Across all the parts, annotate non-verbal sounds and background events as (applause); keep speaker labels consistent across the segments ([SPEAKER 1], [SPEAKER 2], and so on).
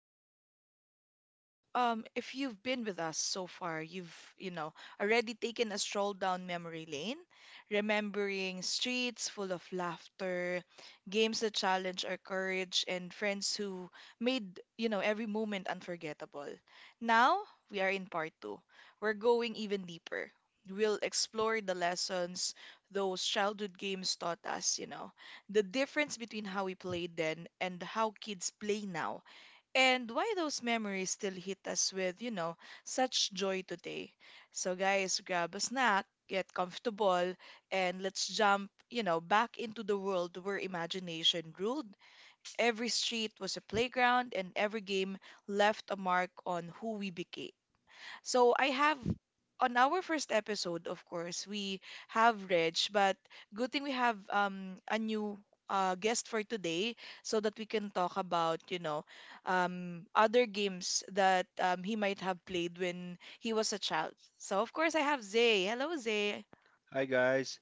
[SPEAKER 1] everyone. I've been with If you've been with us so far, you've, you know, already taken a stroll down memory lane, remembering streets full of laughter, games that challenge our courage and friends who made, you know, every moment unforgettable. Now, we are in part 2. We're going even deeper. We'll explore the lessons those childhood games taught us, you know, the difference between how we played then and how kids play now, and why those memories still hit us with, you know, such joy today. So, guys, grab a snack, get comfortable, and let's jump, you know, back into the world where imagination ruled. Every street was a playground, and every game left a mark on who we became. So I have, on our first episode, of course, we have Reg, but good thing we have a new guest for today so that we can talk about, you know, other games that he might have played when he was a child. So of course I have Zay. Hello, Zay.
[SPEAKER 2] Hi guys.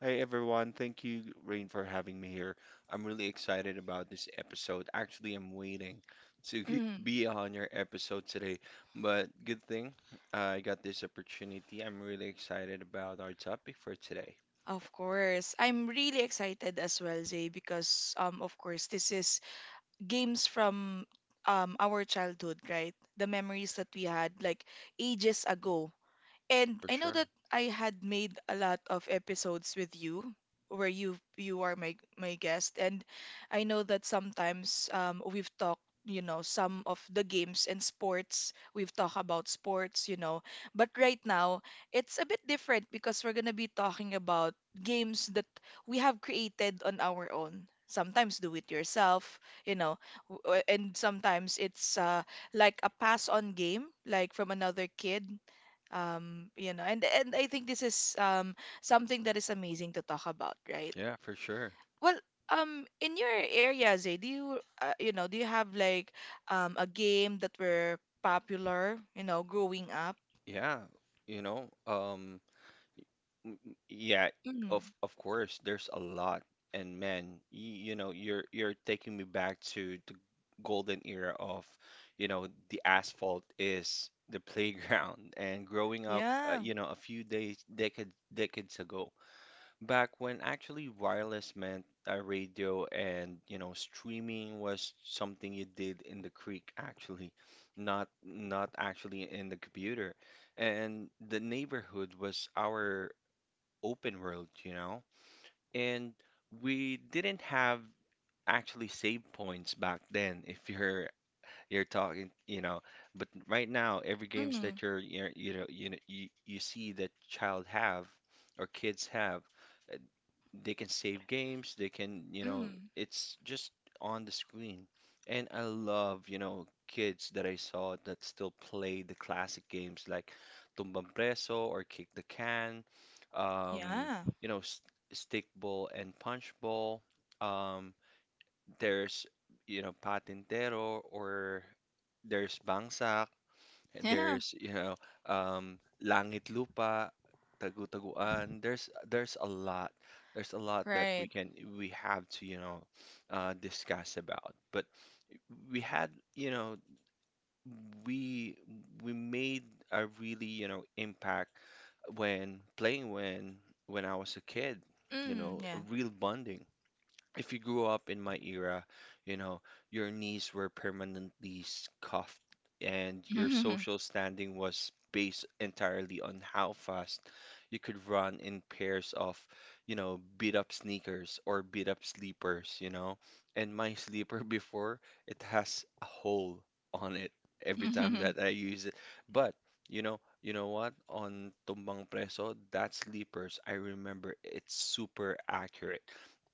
[SPEAKER 2] Hi everyone. Thank you, Rain, for having me here. I'm really excited about this episode. Actually, I'm waiting to (laughs)
[SPEAKER 1] Mm,
[SPEAKER 2] be on your episode today, but good thing I got this opportunity. I'm really excited about our topic for today.
[SPEAKER 1] of course. I'm really excited as well, Zay, because of course this is games from our childhood, right? The memories that we had like ages ago. And
[SPEAKER 2] For
[SPEAKER 1] I know
[SPEAKER 2] sure.
[SPEAKER 1] that I had made a lot of episodes with you where you are my guest, and I know that sometimes we've talked, you know, some of the games and sports. We've talked about sports, you know, but right now it's a bit different because we're going to be talking about games that we have created on our own, sometimes do it yourself, you know, and sometimes it's like a pass on game like from another kid, you know. And I think this is, something that is amazing to talk about, right?
[SPEAKER 2] Yeah, for sure.
[SPEAKER 1] Well, in your area, Zay, do you, you know, do you have like a game that were popular, you know, growing up?
[SPEAKER 2] Yeah, you know, um Mm, Yeah,
[SPEAKER 1] Mm,
[SPEAKER 2] of course, there's a lot. And man, you know, you're taking me back to the golden era of, you know, the asphalt is the (laughs) playground. And growing up,
[SPEAKER 1] yeah.
[SPEAKER 2] you know, a few days, decades, decades ago, back when actually wireless meant a radio and, you know, streaming was something you did in the creek actually, not actually in the computer. And the neighborhood was our open world, you know? And we didn't have actually save points back then (laughs) if you're talking, you know, but right now every games
[SPEAKER 1] Mm,
[SPEAKER 2] that you're you know you know you, you see that child have or kids have they can save games, they can, you know,
[SPEAKER 1] mm,
[SPEAKER 2] it's just on the screen. And I love, you know, kids that I saw that still play the classic games like Tumbang Preso or Kick the Can, um,
[SPEAKER 1] yeah.
[SPEAKER 2] you know, s Stick Ball and Punch Ball. Um, there's, you know, Patintero or there's Bangsak.
[SPEAKER 1] (laughs) yeah.
[SPEAKER 2] There's, you know, Langit Lupa, Tagu-Taguan. There's a lot. There's a lot that we
[SPEAKER 1] Right.
[SPEAKER 2] can we have to, you know, discuss about. But we had, you know, we we made a really, you know, impact when playing when I was a kid, you
[SPEAKER 1] Mm,
[SPEAKER 2] know, a
[SPEAKER 1] yeah.
[SPEAKER 2] real bonding if you grew up in my era, you know, your knees were permanently cuffed and your
[SPEAKER 1] (laughs)
[SPEAKER 2] social standing was based entirely on how fast you could run in pairs of, you know, beat up sneakers or beat up sleepers, you know. And my sleeper (laughs) before, it has a hole on it every time
[SPEAKER 1] (laughs)
[SPEAKER 2] that I use it. But, you know what? On Tumbang Preso, that sleepers, I remember it's super accurate.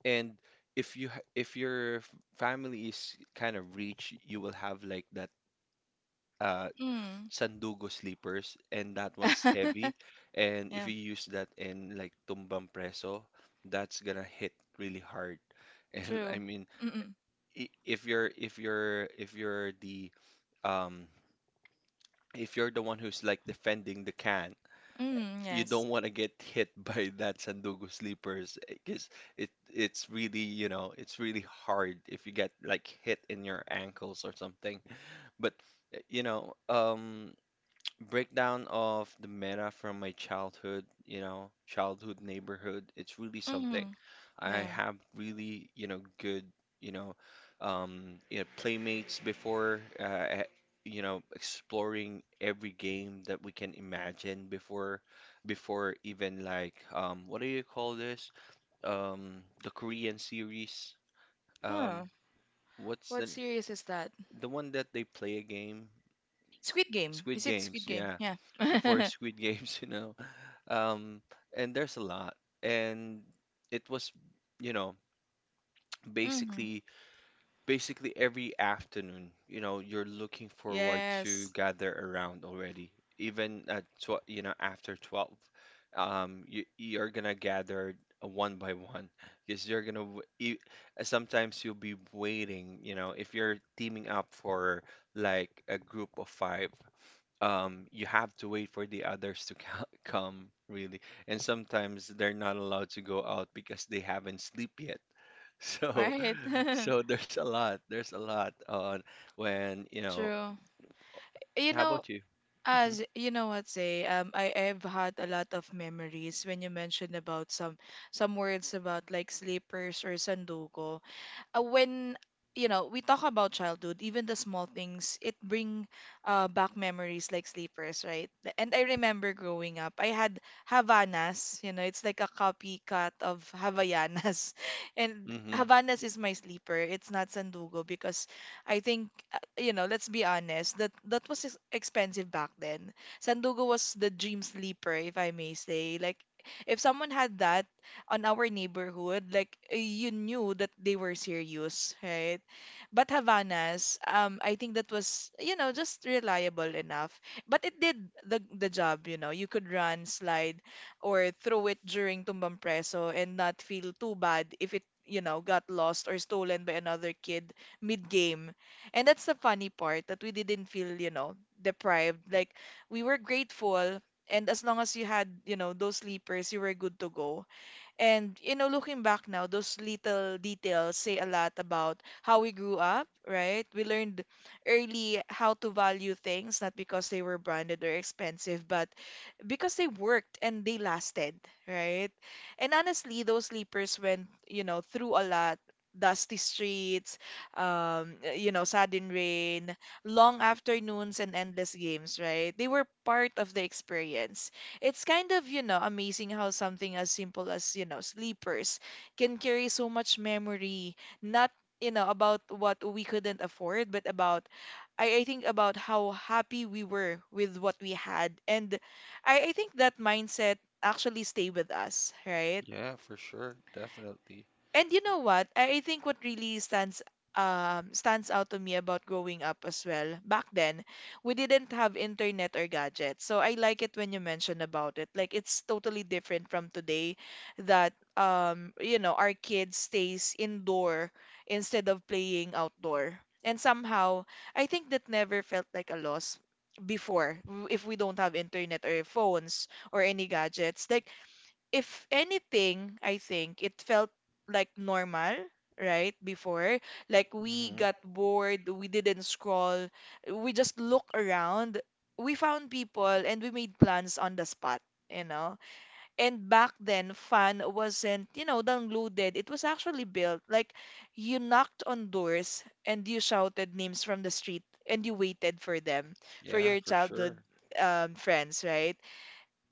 [SPEAKER 2] And if you if your family is kind of rich, you will have like that uh
[SPEAKER 1] mm.
[SPEAKER 2] sandugo sleepers and that one's heavy.
[SPEAKER 1] (laughs)
[SPEAKER 2] And if
[SPEAKER 1] Yeah,
[SPEAKER 2] you use that in like tumbang preso, that's gonna hit really hard. (laughs) And I
[SPEAKER 1] true.
[SPEAKER 2] mean,
[SPEAKER 1] Mm-mm.
[SPEAKER 2] if you're the um if you're the one who's like defending the can,
[SPEAKER 1] Mm,
[SPEAKER 2] you
[SPEAKER 1] yes.
[SPEAKER 2] don't want to get hit (laughs) by that sandugo sleepers because it's really you know it's really hard if you get like hit in your ankles or something but you know breakdown of the meta from my childhood, you know, childhood neighborhood, it's really something.
[SPEAKER 1] Mm,
[SPEAKER 2] I
[SPEAKER 1] yeah.
[SPEAKER 2] have really, you know, good, you know, you know, playmates before, you know, exploring every game that we can imagine before, before even like, what do you call this? The Korean series. Um,
[SPEAKER 1] Oh,
[SPEAKER 2] what's
[SPEAKER 1] what series is that?
[SPEAKER 2] the one that they play a game?
[SPEAKER 1] Squid Game.
[SPEAKER 2] Squid
[SPEAKER 1] Is it
[SPEAKER 2] Games,
[SPEAKER 1] Squid Game?
[SPEAKER 2] yeah.
[SPEAKER 1] Yeah.
[SPEAKER 2] Before
[SPEAKER 1] (laughs)
[SPEAKER 2] Squid Games, (laughs) you know. Um, and there's a lot. And it was, you know,
[SPEAKER 1] Mm,
[SPEAKER 2] basically basically every afternoon, you know, you're looking forward to
[SPEAKER 1] yes.
[SPEAKER 2] gather around already. Even at tw you know, after 12, you're gonna gather one by one because you're gonna sometimes you'll be waiting, you know, if you're teaming up for like a group of five, you have to wait for the others to (laughs) come really. And sometimes they're not allowed to go out because they haven't sleep yet. So,
[SPEAKER 1] Right.
[SPEAKER 2] (laughs)
[SPEAKER 1] (laughs)
[SPEAKER 2] so there's a lot. There's a lot on when, you know,
[SPEAKER 1] True. You
[SPEAKER 2] how
[SPEAKER 1] know,
[SPEAKER 2] about you? Mm-hmm.
[SPEAKER 1] as you know what, say, I have had a lot of memories when you mentioned about some words about like sleepers or sanduko. When, you know, we talk about childhood, even the small things, it bring, back memories like sleepers, right? And I remember growing up, I had Havanas. You know, it's like a copycat of Havaianas, (laughs) and
[SPEAKER 2] Mm-hmm.
[SPEAKER 1] Havanas is my sleeper. It's not Sandugo because I think, you know, let's be honest, that was expensive back then. Sandugo was the dream sleeper, if I may say. Like if someone had that on our neighborhood, like you knew that they were serious, right? But Havana's, I think that was, you know, just reliable enough. But it did the job, you know. You could run, slide, or throw it during Tumbang Preso and not feel too bad if it, you know, got lost or stolen by another kid mid-game. And that's the funny part, that we didn't feel, you know, deprived. Like we were grateful, and as long as you had, you know, those sleepers, you were good to go. And, you know, looking back now, those little details say a lot about how we grew up, right? We learned early how to value things, not because they were branded or expensive, but because they worked and they lasted, right? And honestly, those sleepers went, you know, through a lot. Dusty streets, you know, sudden rain, long afternoons, and endless games, right? They were part of the experience. It's kind of, you know, amazing how something as simple as, you know, sleepers can carry so much memory, not, you know, about what we couldn't afford, but about, I think, about how happy we were with what we had. And I think that mindset actually stay with us, right?
[SPEAKER 2] Yeah, for sure. Definitely.
[SPEAKER 1] And you know what? I think what really stands out to me about growing up as well. Back then, we didn't have internet or gadgets. So I like it when you mention about it. Like it's totally different from today, that you know, our kids stays indoor instead of playing outdoor. And somehow, I think that never felt like a loss before, if we don't have internet or phones or any gadgets. Like if anything, I think it felt like normal, right? Before, like we
[SPEAKER 2] Mm-hmm.
[SPEAKER 1] got bored, we didn't scroll, we just look around. We found people and we made plans on the spot, you know? And back then, fun wasn't, you know, downloaded. It was actually built. Like you knocked on doors and you shouted names from the street and you waited for them, for
[SPEAKER 2] Yeah,
[SPEAKER 1] your
[SPEAKER 2] for
[SPEAKER 1] childhood,
[SPEAKER 2] sure.
[SPEAKER 1] friends, right?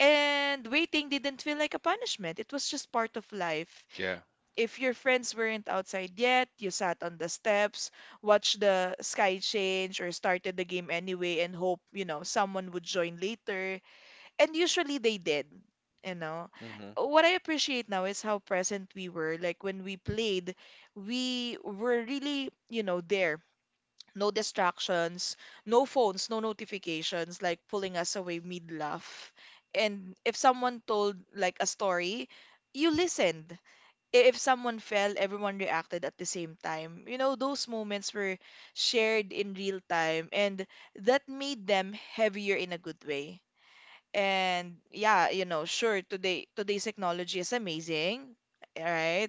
[SPEAKER 1] And waiting didn't feel like a punishment. It was just part of life.
[SPEAKER 2] Yeah.
[SPEAKER 1] If your friends weren't outside yet, you sat on the steps, watched the sky change, or started the game anyway and hope, you know, someone would join later. And usually they did, you know.
[SPEAKER 2] Mm-hmm.
[SPEAKER 1] What I appreciate now is how present we were. Like when we played, we were really, you know, there, no distractions, no phones, no notifications, like pulling us away mid laugh. And if someone told like a story, you listened. If someone fell, everyone reacted at the same time. You know, those moments were shared in real time, and that made them heavier in a good way. And yeah, you know, sure, today's technology is amazing, right?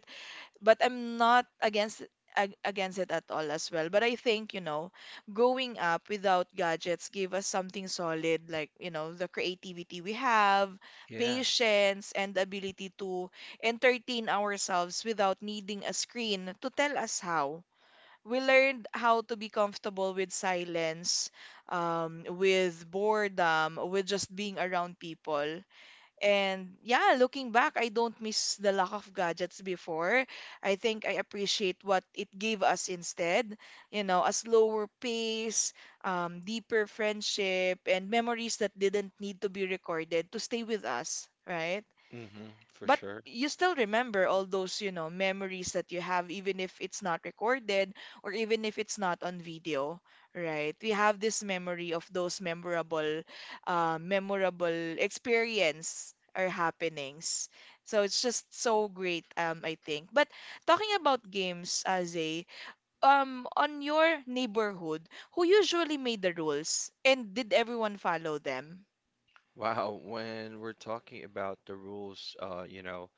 [SPEAKER 1] But I'm not against, against it at all as well. But I think, you know, growing up without gadgets gave us something solid, like, you know, the creativity we have,
[SPEAKER 2] Yeah.
[SPEAKER 1] patience, and the ability to entertain ourselves without needing a screen to tell us how. We learned how to be comfortable with silence, with boredom, with just being around people. And yeah, looking back, I don't miss the lack of gadgets before. I think I appreciate what it gave us instead. You know, a slower pace, deeper friendship, and memories that didn't need to be recorded to stay with us, right?
[SPEAKER 2] Mm-hmm, for
[SPEAKER 1] But
[SPEAKER 2] sure.
[SPEAKER 1] you still remember all those, you know, memories that you have, even if it's not recorded or even if it's not on video, right? We have this memory of those memorable, memorable experience or happenings. So it's just so great, I think. But talking about games, Zay, on your neighborhood, who usually made the rules and did everyone follow them?
[SPEAKER 2] Wow, when we're talking about the rules, you know,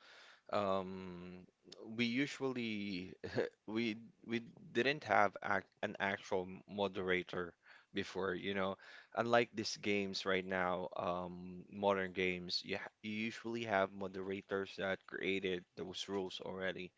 [SPEAKER 2] Um, we usually (laughs) we we didn't have an actual moderator before, you know. Unlike these games right now, modern games, you usually have moderators that created those rules already.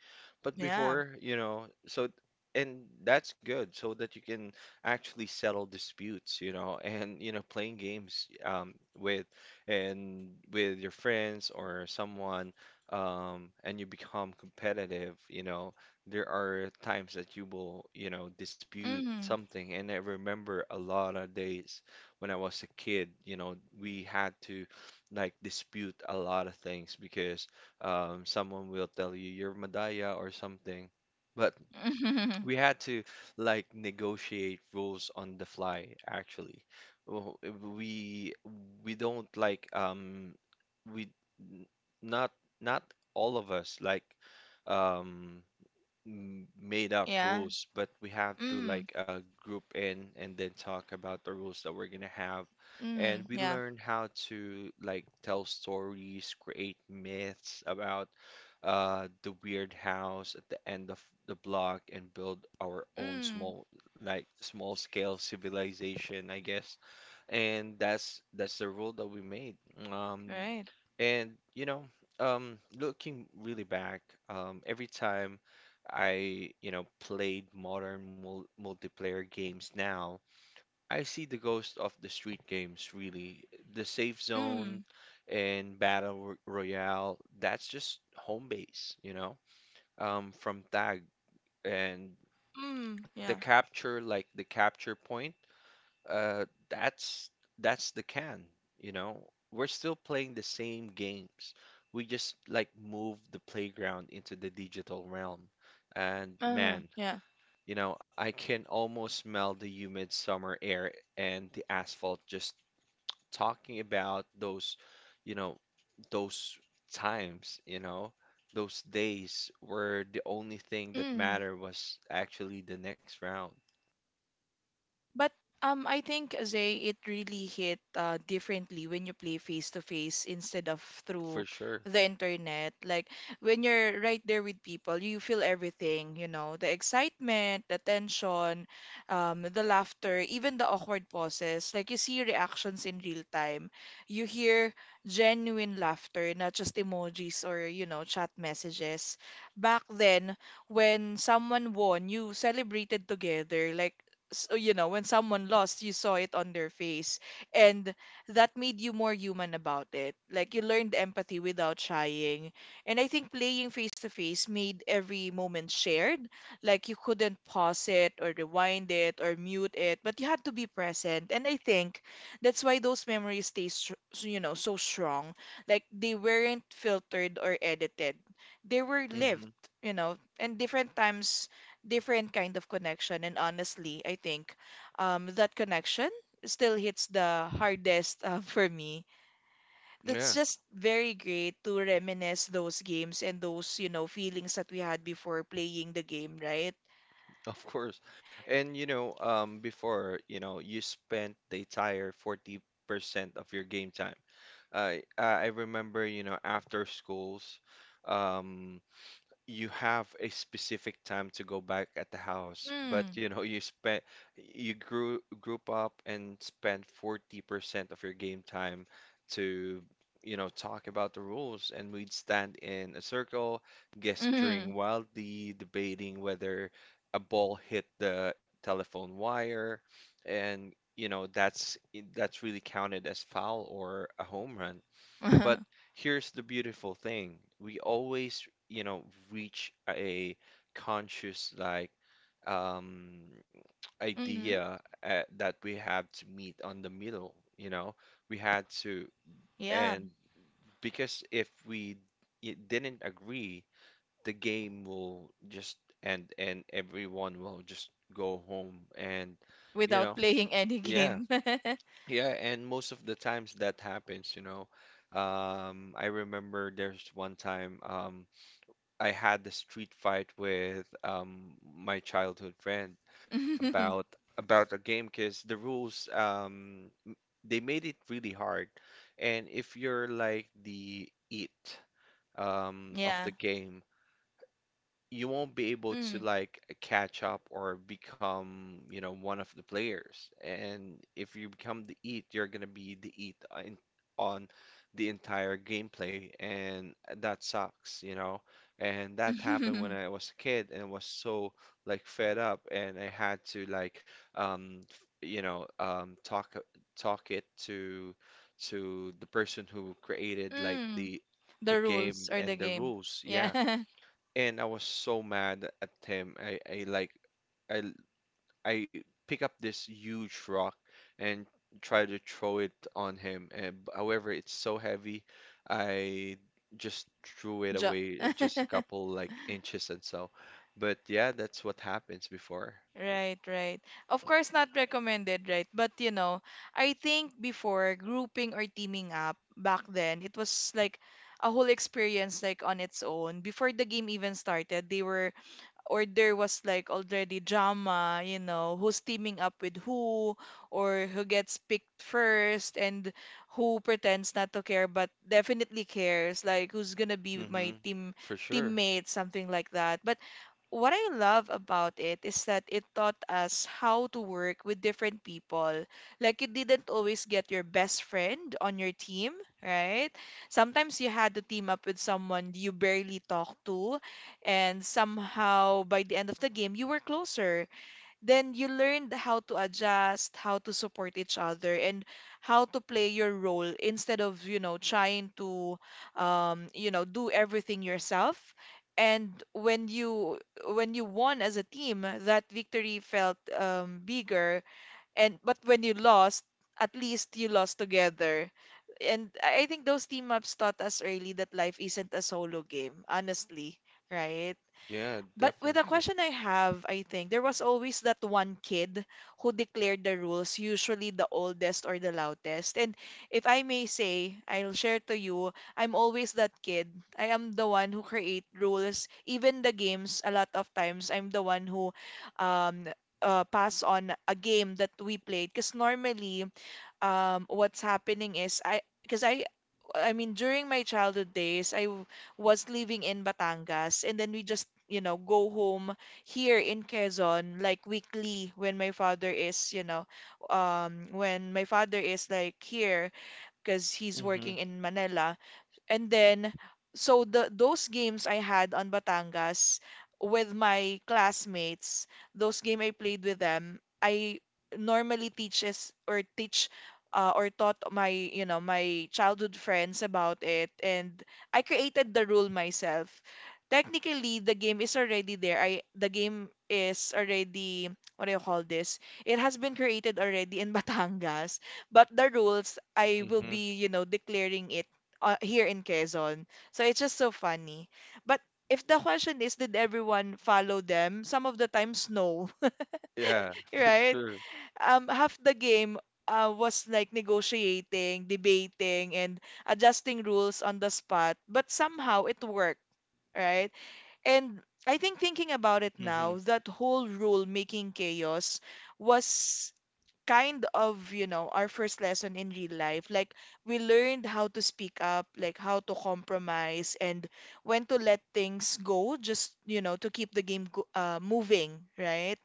[SPEAKER 2] But
[SPEAKER 1] Yeah.
[SPEAKER 2] before, you know, so and that's good so that you can actually settle disputes, you know, (laughs) and you know playing games with your friends or someone and you become competitive, you know, there are times that you will, you know, dispute something. And I remember a lot of days when I was a kid, you know, we had to like dispute a lot of things because someone will tell you you're Madaya or something. But
[SPEAKER 1] Mm-hmm.
[SPEAKER 2] we
[SPEAKER 1] (laughs)
[SPEAKER 2] had to like negotiate rules on the fly actually. Well, we don't like we n- not not all of us like um made up
[SPEAKER 1] Yeah.
[SPEAKER 2] rules, but we have to
[SPEAKER 1] Mm.
[SPEAKER 2] like group in and then talk about the rules that we're gonna have. And
[SPEAKER 1] Mm.
[SPEAKER 2] we
[SPEAKER 1] Yeah.
[SPEAKER 2] learn how to like tell stories, create myths about the weird house at the end of the block and build our own
[SPEAKER 1] Mm.
[SPEAKER 2] small like small scale civilization, I guess, and that's the rule that we made. Um,
[SPEAKER 1] Right.
[SPEAKER 2] and you know, looking really back, every time I, you know, played modern multiplayer games now, I see the ghost of the street games really. The safe zone
[SPEAKER 1] Mm.
[SPEAKER 2] and battle ro royale, that's just home base, you know, from tag and
[SPEAKER 1] Mm.
[SPEAKER 2] the
[SPEAKER 1] Yeah.
[SPEAKER 2] capture, like the capture point uh, that's that's the can, you know. We're still playing the same games. We just like move the playground into the digital realm. And
[SPEAKER 1] Uh-huh.
[SPEAKER 2] man,
[SPEAKER 1] Yeah.
[SPEAKER 2] you know, I can almost smell the humid summer air and the asphalt just talking about those, you know, those times, you know, those days where the only thing that
[SPEAKER 1] Mm-hmm.
[SPEAKER 2] mattered was actually the next round,
[SPEAKER 1] But I think, Zay, it really hit, differently when you play face to face instead of
[SPEAKER 2] for
[SPEAKER 1] through
[SPEAKER 2] sure.
[SPEAKER 1] the internet. Like when you're right there with people, you feel everything, you know, the excitement, the tension, the laughter, even the awkward pauses. Like you see reactions in real time. You hear genuine laughter, not just emojis or, you know, chat messages. Back then, when someone won, you celebrated together. Like so, you know, when someone lost, you saw it on their face. And that made you more human about it. Like you learned empathy without trying. And I think playing face to face made every moment shared. Like you couldn't pause it or rewind it or mute it, but you had to be present. And I think that's why those memories stay, so, you know, so strong. Like they weren't filtered or edited, they were lived,
[SPEAKER 2] Hmm.
[SPEAKER 1] you know, and different times, different kind of connection. And honestly, I think, that connection still hits the hardest, (laughs) for me. That's
[SPEAKER 2] Yeah.
[SPEAKER 1] just very great to reminisce those games and those, you know, feelings that we had before playing the game, right?
[SPEAKER 2] (laughs) Of course. And you know, before, you know, you spent the entire 40% of your game time. I remember, you know, after schools, um, you have a specific time to go back at the house, but
[SPEAKER 1] Mm.
[SPEAKER 2] you know you spent you grew group up and spent 40% of your game time to you know talk about the rules and we'd stand in a circle
[SPEAKER 1] Mm.
[SPEAKER 2] gesturing wildly debating whether a ball hit the telephone wire and you know that's really counted as foul or a home run. But
[SPEAKER 1] Mm.
[SPEAKER 2] here's the beautiful thing. We always you know, reach a conscious like um,
[SPEAKER 1] (laughs)
[SPEAKER 2] idea that we have to meet on the middle, you know, we had to,
[SPEAKER 1] Yeah,
[SPEAKER 2] and because if we didn't agree, the game will just end and everyone will just go home and, you know,
[SPEAKER 1] without playing any
[SPEAKER 2] yeah,
[SPEAKER 1] game. (laughs)
[SPEAKER 2] yeah, and most of the times that happens, you know. I remember there's one time, I had the street fight with my childhood friend
[SPEAKER 1] (laughs)
[SPEAKER 2] about about a game because the rules they made it really hard, and if you're like the it of
[SPEAKER 1] Yeah.
[SPEAKER 2] the game, you won't be able to
[SPEAKER 1] Mm.
[SPEAKER 2] like catch up or become, you know, one of the players. And if you become the eat, you're gonna be the eat in, on the entire gameplay, and that sucks, you know. And that happened when I
[SPEAKER 1] (laughs)
[SPEAKER 2] was a kid, and I was so like fed up, and I had to like, um, f- you know, talk it to the person who created like
[SPEAKER 1] Mm.
[SPEAKER 2] the
[SPEAKER 1] The rules
[SPEAKER 2] game
[SPEAKER 1] or the
[SPEAKER 2] and the
[SPEAKER 1] game.
[SPEAKER 2] rules.
[SPEAKER 1] Yeah.
[SPEAKER 2] Yeah,
[SPEAKER 1] (laughs)
[SPEAKER 2] and I was so mad at him. I like I l- I pick up this huge rock and try to throw it on him. And however, it's so heavy, I just threw it
[SPEAKER 1] Jump.
[SPEAKER 2] away just a
[SPEAKER 1] (laughs)
[SPEAKER 2] couple like inches and so. But yeah, that's what happens before.
[SPEAKER 1] Right, right. Of course, not recommended, right? But you know, I think before grouping or teaming up back then, it was like a whole experience like on its own. Before the game even started, they were, or there was like already drama, you know, who's teaming up with who or who gets picked first and who pretends not to care but definitely cares, like who's gonna be my
[SPEAKER 2] Hmm.
[SPEAKER 1] team
[SPEAKER 2] For sure.
[SPEAKER 1] teammate, something like that. But what I love about it is that it taught us how to work with different people. Like you didn't always get your best friend on your team, right? Sometimes you had to team up with someone you barely talked to, and somehow by the end of the game, you were closer. Then you learned how to adjust, how to support each other, and how to play your role instead of, trying to, do everything yourself. And when you won as a team, that victory felt bigger. And but when you lost, at least you lost together. And I think those team ups taught us early that life isn't a solo game, honestly, right?
[SPEAKER 2] Yeah,
[SPEAKER 1] But with the
[SPEAKER 2] definitely.
[SPEAKER 1] question I have, I think there was always that one kid who declared the rules, usually the oldest or the loudest. And if I may say, I'll share to you, I'm always that kid. I am the one who create rules, even the games. A lot of times, I'm the one who um pass on a game that we played. Because normally, what's happening is I, I mean during my childhood days was living in Batangas, and then we just, you know, go home here in Quezon like weekly when my father is, you know, when my father is like here, because he's
[SPEAKER 2] Hmm.
[SPEAKER 1] working in Manila. And then, so the those games I had on Batangas with my classmates, those game I played with them, I normally teach or taught my, you know, my childhood friends about it, and I created the rule myself. Technically, the game is already there. I the game is already, what do you call this? It has been created already in (laughs) Batangas, but the rules I will
[SPEAKER 2] Hmm.
[SPEAKER 1] be, you know, declaring it here in Quezon. So it's just so funny. But if the question is, did everyone follow them? Some of the times, no,
[SPEAKER 2] Yeah,
[SPEAKER 1] (laughs)
[SPEAKER 2] for
[SPEAKER 1] right?
[SPEAKER 2] sure.
[SPEAKER 1] Half the game was like negotiating, debating, and adjusting rules on the spot. But somehow it worked, right? And I think thinking about it
[SPEAKER 2] Hmm.
[SPEAKER 1] now, that whole rule making chaos was kind of, you know, our first lesson in real life. Like, we learned how to speak up, like, how to compromise, and when to let things go, just, you know, to keep the game moving, right?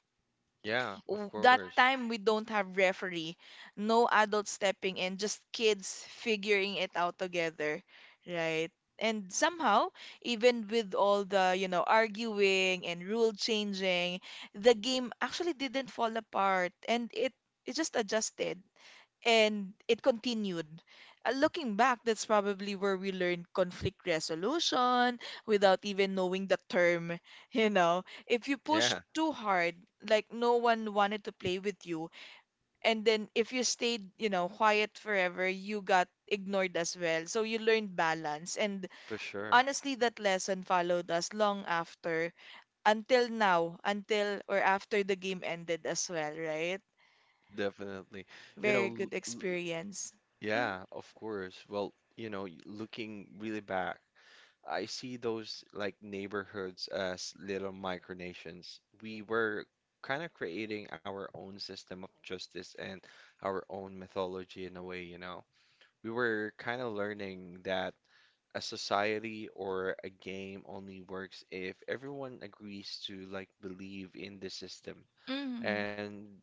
[SPEAKER 2] Yeah, of
[SPEAKER 1] That
[SPEAKER 2] course.
[SPEAKER 1] time we don't have referee, no adults stepping in, just kids figuring it out together, right? And somehow, even with all the, you know, arguing and rule changing, the game actually didn't fall apart, and it just adjusted and it continued. Looking back, that's probably where we learned conflict resolution without even knowing the term. (laughs) You know, if you push
[SPEAKER 2] Yeah.
[SPEAKER 1] too hard, like no one wanted to play with you, and then if you stayed, you know, quiet forever, you got ignored as well. So you learned balance. And
[SPEAKER 2] For sure.
[SPEAKER 1] honestly, that lesson followed us long after, until now, until or after the game ended as well, right?
[SPEAKER 2] Definitely. You know,
[SPEAKER 1] Very good experience.
[SPEAKER 2] yeah, of course. Well, you know, looking really back, I see those like neighborhoods as little micronations. We were kind of creating our own system of justice and our own mythology in a way, you know. We were kind of learning that a society or a game only works if everyone agrees to like believe in the system.
[SPEAKER 1] Mm-hmm.
[SPEAKER 2] and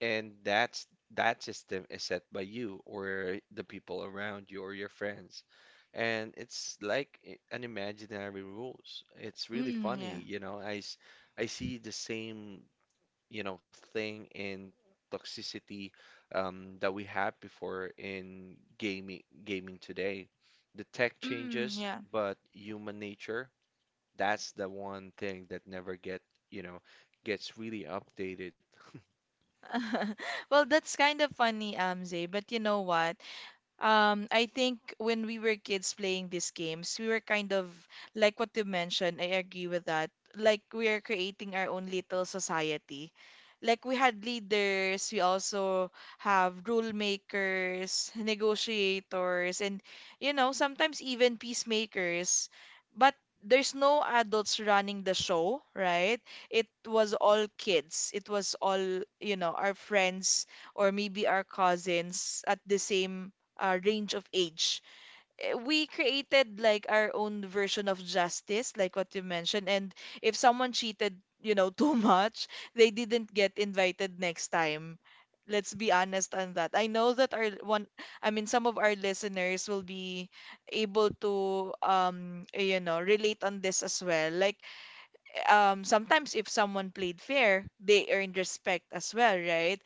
[SPEAKER 2] and that's that system is set by you or the people around you or your friends and it's like an imaginary rules, it's really
[SPEAKER 1] Mm, yeah.
[SPEAKER 2] funny you know I see the same you know thing in toxicity that we had before in gaming today, the tech
[SPEAKER 1] Mm,
[SPEAKER 2] changes
[SPEAKER 1] yeah.
[SPEAKER 2] but human nature, that's the one thing that never get you know gets really updated.
[SPEAKER 1] (laughs) Well, that's kind of funny, Amze. But you know what? I think when we were kids playing these games, we were kind of like what you mentioned, I agree with that. Like we are creating our own little society. Like we had leaders, we also have rule makers, (laughs) negotiators, and you know, sometimes even peacemakers. But there's no adults running the show, right? It was all kids. It was all, you know, our friends or maybe our cousins at the same range of age. Eh, we created like our own version of justice, like what you mentioned. And if someone cheated, you know, (laughs) too much, they didn't get invited next time. Let's be honest on that. I know that our one, I mean, some of our listeners will be able to, you know, relate on this as well. Like, sometimes if someone played fair, they earned respect as well, right?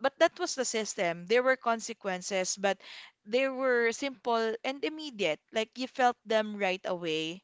[SPEAKER 1] But that was the system. There were consequences, but they were simple and immediate. Like you felt them right away.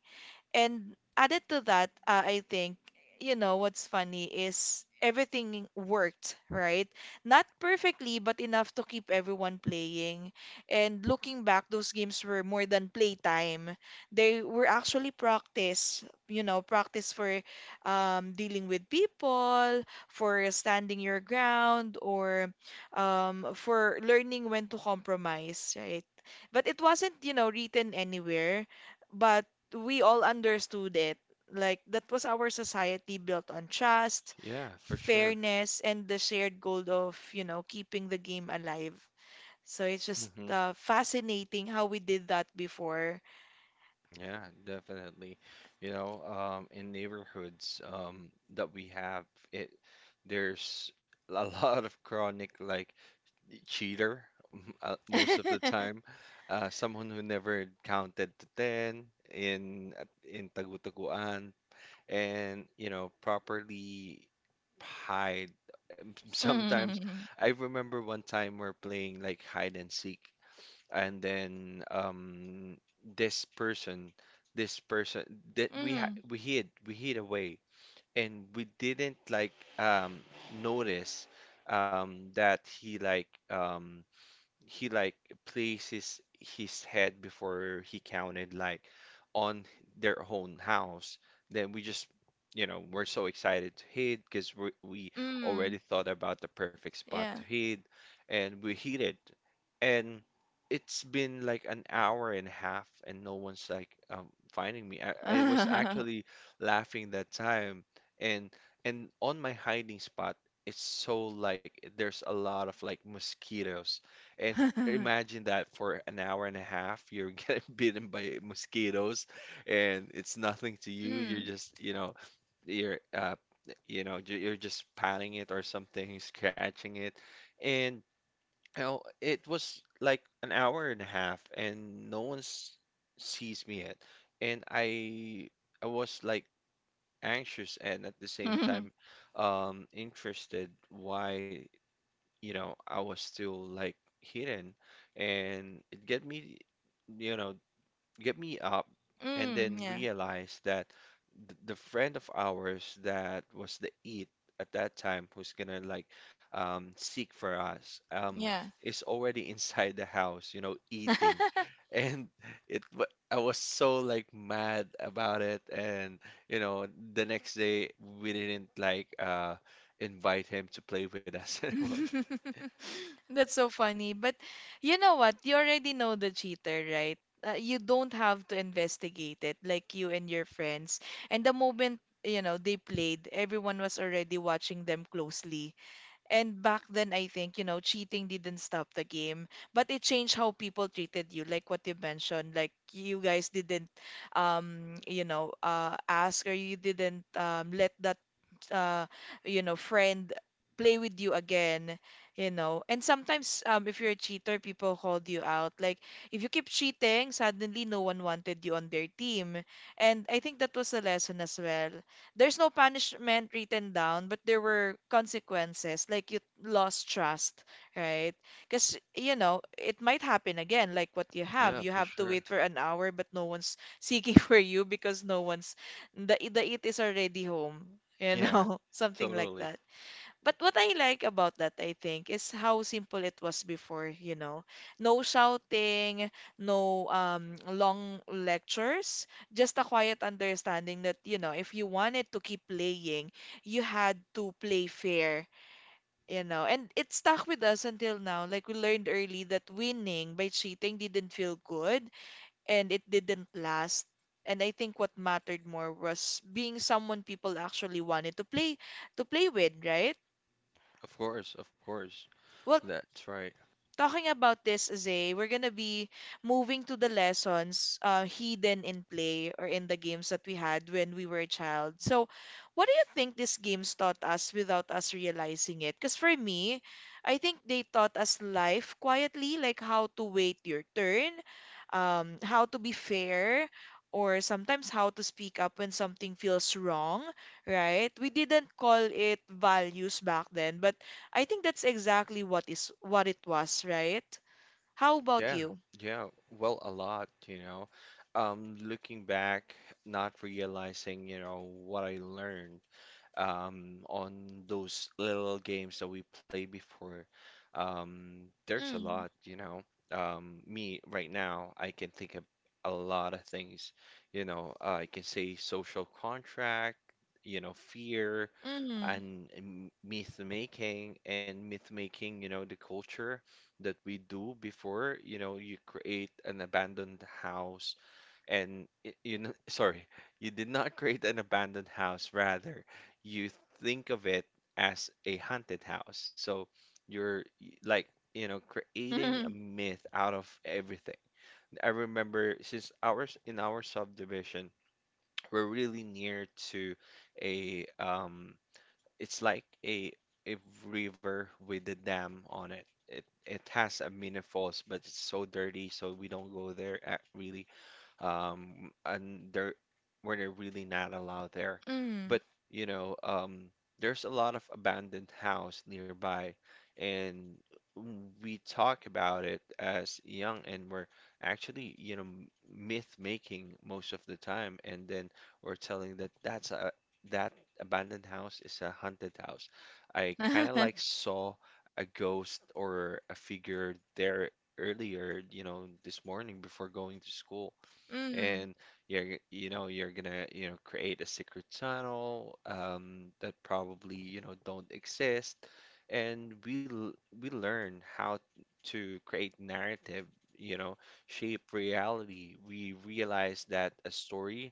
[SPEAKER 1] And added to that, I think, you know, what's funny is everything worked, right? Not perfectly, but enough to keep everyone playing. And looking back, those games were more than playtime. They were actually practice, you know, practice for dealing with people, for standing your ground, or for learning when to compromise, right? But it wasn't, you know, written anywhere. But we all understood it. Like that was our society built on trust,
[SPEAKER 2] Yeah, for sure.
[SPEAKER 1] fairness, and the shared goal of, you know, keeping the game alive. So it's just
[SPEAKER 2] Hmm.
[SPEAKER 1] fascinating how we did that before.
[SPEAKER 2] Yeah, definitely. You know, in neighborhoods that we have, it there's (laughs) a lot of chronic like cheater (laughs) most of the
[SPEAKER 1] (laughs)
[SPEAKER 2] time. Someone who never counted to ten in tagu-taguan and you know properly hide. (laughs) Sometimes
[SPEAKER 1] Mm,
[SPEAKER 2] I remember one time we're playing like hide and seek and then this person this person that we ha
[SPEAKER 1] mm,
[SPEAKER 2] we hid we hid away, and we didn't like notice that he he like places his head before he counted, like, on their own house. Then we just, you know, we're so excited to hit because we
[SPEAKER 1] mm,
[SPEAKER 2] already thought about the perfect spot to
[SPEAKER 1] yeah.
[SPEAKER 2] hit, and we hit it. And it's been like an hour and a half and no one's like finding me. I was
[SPEAKER 1] (laughs) Mm,
[SPEAKER 2] actually laughing that time. and and on my hiding spot, it's so, like, there's a lot of like mosquitoes, and imagine that for an hour and a half you're getting (laughs) bitten by mosquitoes and it's nothing to you, you're
[SPEAKER 1] (laughs)
[SPEAKER 2] just, you know you're uh you know, you're just patting it or something, scratching it. And you know, it was like an hour and a half and no one sees me yet. And I was like anxious and at the same
[SPEAKER 1] mm,
[SPEAKER 2] time interested why, you know, I was still like hidden, and it get me, you know, get me up, and then
[SPEAKER 1] yeah,
[SPEAKER 2] realize that th the friend of ours that was the it at that time who's gonna like seek for us
[SPEAKER 1] yeah.
[SPEAKER 2] is already (laughs) inside the house, you know, eating,
[SPEAKER 1] (laughs)
[SPEAKER 2] (laughs) and it. wa- I was so like mad about it. And you know, the next day we didn't like invite him to play with us (laughs) anymore.
[SPEAKER 1] (laughs) That's so funny. But you know what? You already know the cheater, right? You don't have to investigate it like you and your friends. And the moment, you know, they played, everyone was already watching them closely. And back then, I think, you know, cheating didn't stop the game, but it changed how people treated you, like what you mentioned. Like you guys didn't, you know, ask, or you didn't let that uh, you know, friend play with you again, you know. And sometimes if you're a cheater, people called you out. Like if you keep cheating, suddenly no one wanted you on their team. And I think that was a lesson as well. There's no punishment written down, but there were consequences. Like you lost trust, right? Because, you know, it might happen again, like what you have.
[SPEAKER 2] Yeah,
[SPEAKER 1] You
[SPEAKER 2] for
[SPEAKER 1] have to
[SPEAKER 2] sure.
[SPEAKER 1] wait for an hour, but no one's seeking (laughs) for you because no one's, the it is already home, you
[SPEAKER 2] Yeah,
[SPEAKER 1] know, (laughs) something like
[SPEAKER 2] totally.
[SPEAKER 1] that. But what I like about that, I think, is how simple it was before, you know. No shouting, no long lectures, just a quiet understanding that, you know, if you wanted to keep playing, you had to play fair, you know. And it stuck with us until now. Like we learned early that winning by cheating didn't feel good and it didn't last. And I think what mattered more was being someone people actually wanted to play with, right?
[SPEAKER 2] Of course, of course.
[SPEAKER 1] Well,
[SPEAKER 2] That's right.
[SPEAKER 1] talking about this, Zay, we're gonna be moving to the lessons hidden in play or in the games that we had when we were a child. So, what do you think these games taught us without us realizing it? Because for me, I think they taught us life quietly, like how to wait your turn, how to be fair, or sometimes how to speak up when something feels wrong, right? We didn't call it values back then, but I think that's exactly what is what it was, right? How about
[SPEAKER 2] Yeah,
[SPEAKER 1] you?
[SPEAKER 2] yeah. Well, a lot, you know. Looking back, not realizing, you know, what I learned on those little games that we played before. Um, there's a
[SPEAKER 1] Mm,
[SPEAKER 2] lot, you know. Me right now, I can think of a lot of things, you know. I can say social contract, you know, fear
[SPEAKER 1] mm,
[SPEAKER 2] and myth making, you know, the culture that we do before. You know, you create an abandoned house and you know, (laughs) sorry, you did not create an abandoned house, rather, you think of it as a haunted house. So you're like, you know, creating a
[SPEAKER 1] mm,
[SPEAKER 2] myth out of everything. I remember, since ours in our subdivision, we're really near to a, it's like a river with a dam on it. It has a mini falls, but it's so dirty, so we don't go there at really. And there, we're not really not allowed there.
[SPEAKER 1] mm,
[SPEAKER 2] But, you know, there's a lot of abandoned house nearby, and we talk about it as young, and we're actually, you know, myth making most of the time. And then we're telling that that's a, that abandoned house is a haunted house. I
[SPEAKER 1] (laughs)
[SPEAKER 2] kind of
[SPEAKER 1] mm,
[SPEAKER 2] like saw a ghost or a figure there earlier, you know, this morning before going to school. Mm. And you're, you know, you're gonna, you know, create a secret channel that probably, you know, don't exist. And we we learn how to create narrative, you know, shape reality. We realize that a story,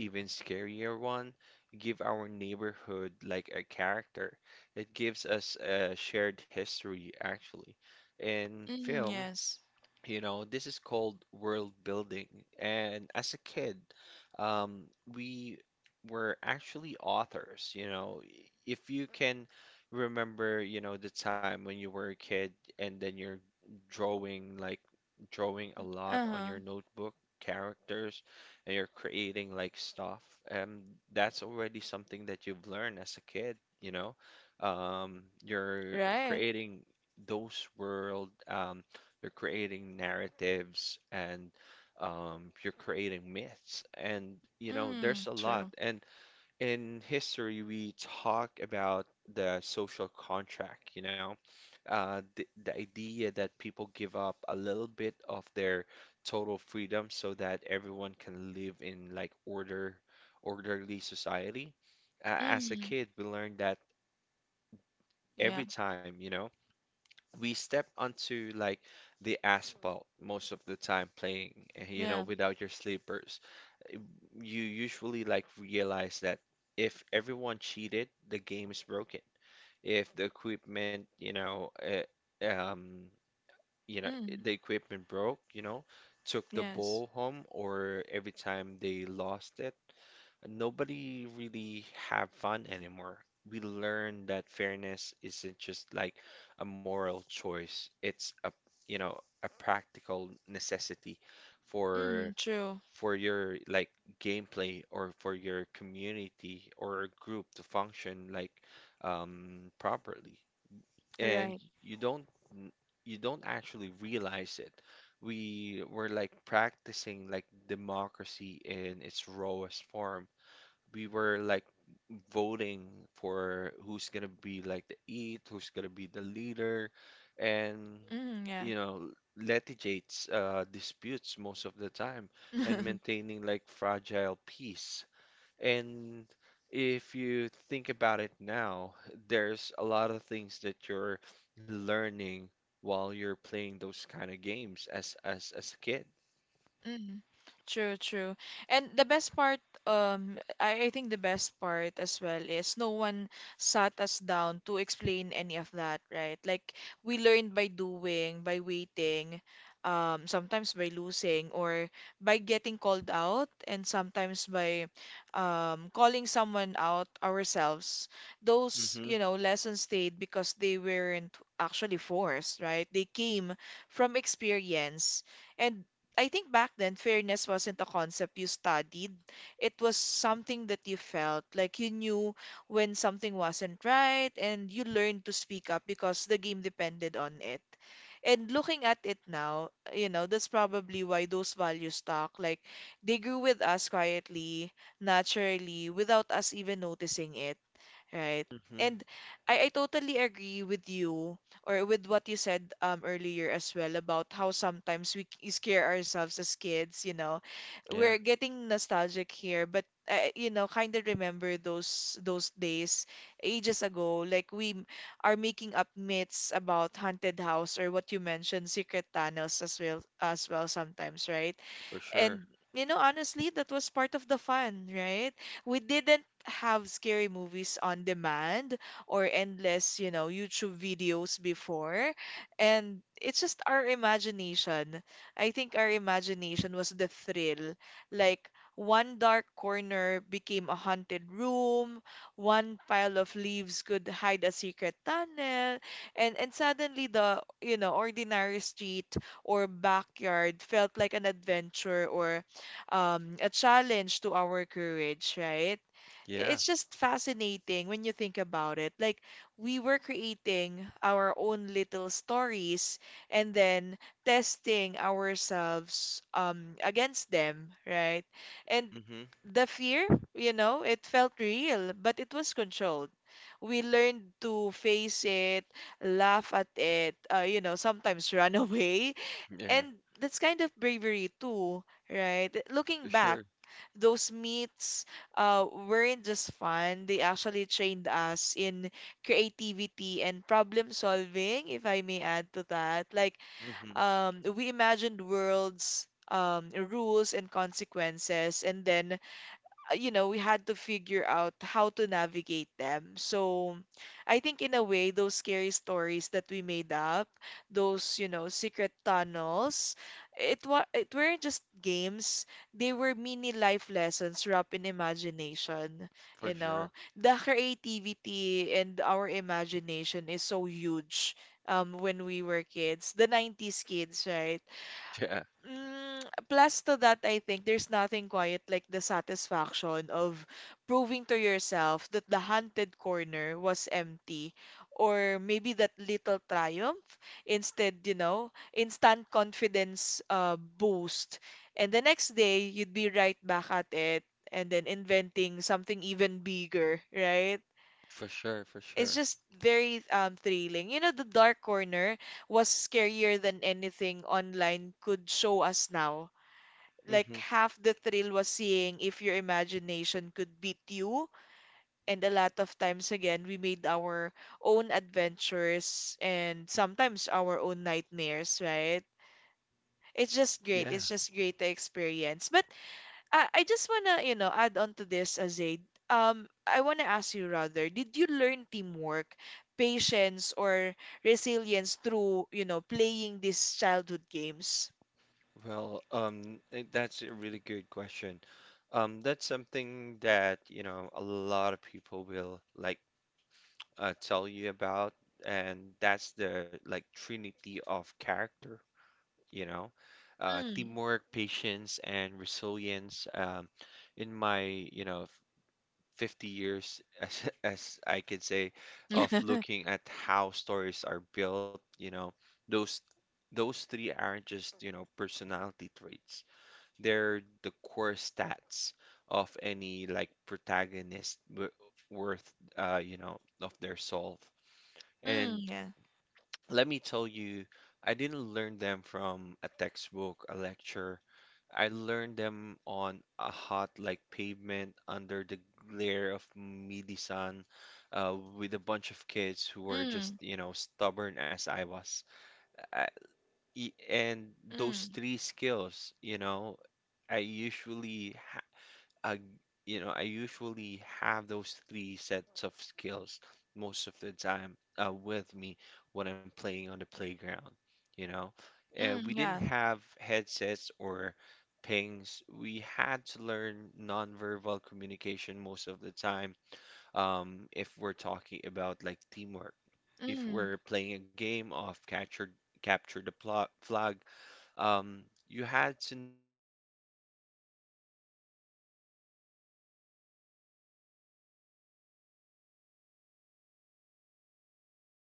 [SPEAKER 2] even scarier one, give our neighborhood like a character. It gives us a shared history, actually. In
[SPEAKER 1] mm,
[SPEAKER 2] film,
[SPEAKER 1] yes.
[SPEAKER 2] you know, this is called world building. And as a kid, we were actually authors. You know, if you can remember, you know, the time when you were a kid, and then you're drawing like drawing a lot on
[SPEAKER 1] Uh-huh.
[SPEAKER 2] your notebook, characters, and you're creating like stuff um that's already something that you've learned as a kid, you know. You're
[SPEAKER 1] Right.
[SPEAKER 2] creating those world, you're creating narratives, and you're creating myths, and you know, there's
[SPEAKER 1] Mm,
[SPEAKER 2] a lot.
[SPEAKER 1] true.
[SPEAKER 2] And in history, we talk about the social contract, you know, the idea that people give up a little bit of their total freedom so that everyone can live in like order, orderly society. As a
[SPEAKER 1] Mm,
[SPEAKER 2] kid, we learned that
[SPEAKER 1] yeah,
[SPEAKER 2] every time, you know, we step onto like the asphalt most of the time playing, (laughs) eh, you know,
[SPEAKER 1] yeah.
[SPEAKER 2] without your slippers, you usually like realize that if everyone cheated, the game is broken. If the equipment, you know, eh,
[SPEAKER 1] Mm,
[SPEAKER 2] the equipment broke, you know, took the
[SPEAKER 1] yes.
[SPEAKER 2] ball home, or every time they lost it, nobody really have fun anymore. We learn that fairness isn't just like a moral choice. It's a, you know, a practical necessity
[SPEAKER 1] Mm,
[SPEAKER 2] for
[SPEAKER 1] true.
[SPEAKER 2] for your like gameplay, or for your community or group to function like properly. And
[SPEAKER 1] Right.
[SPEAKER 2] you don't n- you don't actually realize it. We were like practicing like democracy in its rawest form. We were like voting for who's gonna be like the eat, who's gonna be the leader, and
[SPEAKER 1] Mm, yeah.
[SPEAKER 2] you know, litigates disputes most of the time, and
[SPEAKER 1] (laughs)
[SPEAKER 2] maintaining like fragile peace. And if you think about it now, there's a lot of things that you're learning while you're playing those kind of games as as a kid.
[SPEAKER 1] Mm, true, true. And the best part, I think the best part as well is no one sat us down to explain any of that, right? Like we learned by doing, by waiting, sometimes by losing or by getting called out, and sometimes by calling someone out ourselves. Those,
[SPEAKER 2] Hmm.
[SPEAKER 1] you know, lessons stayed because they weren't actually forced, right? They came from experience. And I think back then, fairness wasn't a concept you studied. It was something that you felt. Like you knew when something wasn't right, and you learned to speak up because the game depended on it. And looking at it now, you know, that's probably why those values stuck. Like they grew with us quietly, naturally, without us even noticing it, right?
[SPEAKER 2] Hmm.
[SPEAKER 1] And I totally agree with you or with what you said earlier as well about how sometimes we scare ourselves as kids, you know.
[SPEAKER 2] Yeah,
[SPEAKER 1] We're getting nostalgic here, but you know, kind of remember those days ages ago. Like are making up myths about haunted house or what you mentioned, secret tunnels as well sometimes, right?
[SPEAKER 2] for sure.
[SPEAKER 1] And you know, honestly, that was part of the fun, right? We didn't have scary movies on demand or endless, you know, YouTube videos before. And it's just our imagination. I think our imagination was the thrill. Like one dark corner became a haunted room, one pile of leaves could hide a secret tunnel, and suddenly the, you know, ordinary street or backyard felt like an adventure or a challenge to our courage, right?
[SPEAKER 2] Yeah.
[SPEAKER 1] It's just fascinating when you think about it. Like, we were creating our own little stories and then testing ourselves against them, right? And the fear, you know, it felt real, but it was controlled. We learned to face it, laugh at it, you know, sometimes run (laughs) away,
[SPEAKER 2] Yeah,
[SPEAKER 1] and that's kind of bravery too, right? Looking back,
[SPEAKER 2] sure.
[SPEAKER 1] those meets weren't just fun. They actually trained us in creativity and problem solving, if I may add to that. Like,
[SPEAKER 2] Hmm.
[SPEAKER 1] we imagined worlds, rules, and consequences, and then you know, we had to figure out how to navigate them. So I think in a way, those scary stories that we made up, those, you know, secret tunnels, it weren't just games. They were mini life lessons wrapped in imagination,
[SPEAKER 2] For
[SPEAKER 1] you
[SPEAKER 2] sure.
[SPEAKER 1] know. The creativity and our imagination is so huge when we were kids, the 90s kids, right?
[SPEAKER 2] Yeah,
[SPEAKER 1] Mm, plus to that, I think there's nothing quiet like the satisfaction of proving to yourself that the haunted corner was empty, or maybe that little triumph instead, instant confidence boost. And the next day, you'd be right back at it and then inventing something even bigger, right?
[SPEAKER 2] for sure, for
[SPEAKER 1] It's
[SPEAKER 2] sure.
[SPEAKER 1] just very thrilling. The dark corner was scarier than anything online could show us now. Like,
[SPEAKER 2] Hmm.
[SPEAKER 1] half the thrill was seeing if your imagination could beat you. And a lot of times, again, we made our own adventures and sometimes our own nightmares, right? It's just great.
[SPEAKER 2] Yeah.
[SPEAKER 1] It's just great to experience. But I just wanna, add on to this, Azade. I wanna ask you rather, did you learn teamwork, patience, or resilience through, playing these childhood games?
[SPEAKER 2] Well, that's a really good question. That's something that, you know, a lot of people will like tell you about, and that's the like trinity of character, you know,
[SPEAKER 1] Mm.
[SPEAKER 2] teamwork, patience, and resilience. In my, you know, 50 years (laughs) as I could say of
[SPEAKER 1] (laughs)
[SPEAKER 2] looking at how stories are built, you know, those those three aren't just, you know, personality traits. They're the core stats of any like protagonist w worth you know, of their soul. And
[SPEAKER 1] Mm. Yeah.
[SPEAKER 2] let me tell you, I didn't learn them from a textbook, a lecture. I learned them on a hot, like, pavement under the glare of midi sun, with a bunch of kids who were just,
[SPEAKER 1] Mm.
[SPEAKER 2] you know, stubborn as I was. I, and those
[SPEAKER 1] Mm.
[SPEAKER 2] three skills, you know, I usually I, you know, I usually have those three sets of skills most of the time with me when I'm playing on the playground. You know,
[SPEAKER 1] Mm,
[SPEAKER 2] we didn't
[SPEAKER 1] yeah.
[SPEAKER 2] have headsets or pings. We had to learn nonverbal communication most of the time, if we're talking about like teamwork. If
[SPEAKER 1] Mm,
[SPEAKER 2] we're playing a game of capture the pla flag, um, you had to know, or instinctively, you
[SPEAKER 1] yeah.
[SPEAKER 2] know, um, when your
[SPEAKER 1] Yes,
[SPEAKER 2] friend
[SPEAKER 1] Zay,
[SPEAKER 2] was like,
[SPEAKER 1] sorry.
[SPEAKER 2] yeah, when your friends was like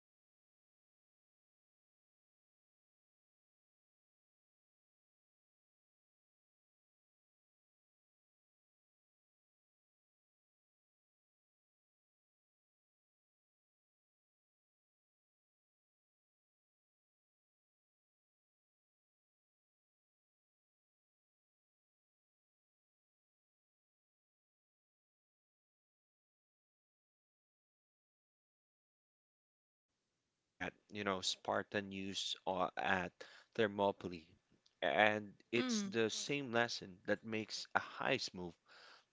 [SPEAKER 2] going to make a break for, or you know, create a distraction or whatever.
[SPEAKER 1] Mm,
[SPEAKER 2] And
[SPEAKER 1] yeah.
[SPEAKER 2] we're learning that a group of B tier players who work together could absolutely demolish a team of S tier, you know, S tier team. And they only like cared about their own stats, really. We
[SPEAKER 1] Uh-huh.
[SPEAKER 2] learn to cover each other blind spots. That's the same lesson that, you know, Spartan used at Thermopylae. And it's
[SPEAKER 1] Mm,
[SPEAKER 2] the same lesson that makes a heist move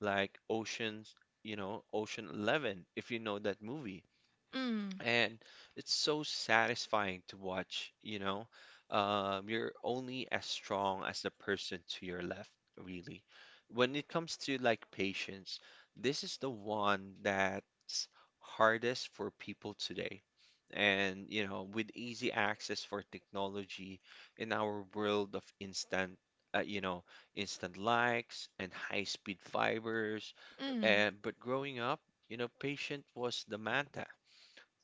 [SPEAKER 2] like Ocean's, you know, Ocean 11, if you know that movie,
[SPEAKER 1] mm,
[SPEAKER 2] and it's so satisfying to watch, you know. You're only as strong as the person to your left, really. When it comes to like patience, this is the one that's hardest for people today. And, you know, with easy access for technology in our world of instant, you know, instant likes and high-speed fibers.
[SPEAKER 1] mm,
[SPEAKER 2] And but growing up, you know, patient was the manta.